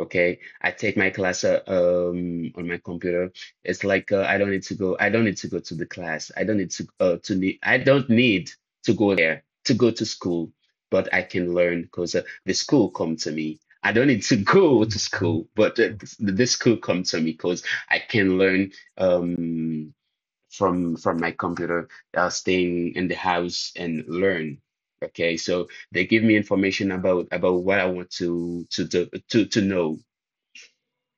Speaker 2: Okay, I take my class on my computer. It's like I don't need to go. I don't need to go to the class. I don't need to need. I don't need to go there to go to school, but I can learn because the school come to me. I don't need to go to
Speaker 1: Mm-hmm.
Speaker 2: school, but the school come to me because I can learn from my computer, staying in the house and learn. Okay, so they give me information about what I want to do, to know,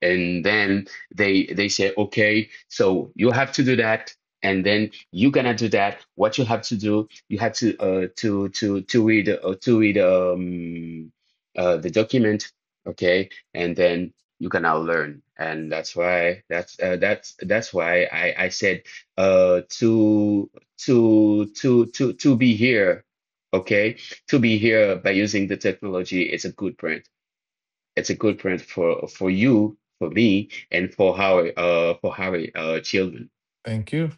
Speaker 2: and then they say okay so you have to do that and then you're gonna do that what you have to do you have to read the document okay and then you're gonna learn and that's why that's why I said uh to to be here okay to be here by using the technology is a good brand it's a good brand for you, for me, and for Harry, children.
Speaker 1: Thank you.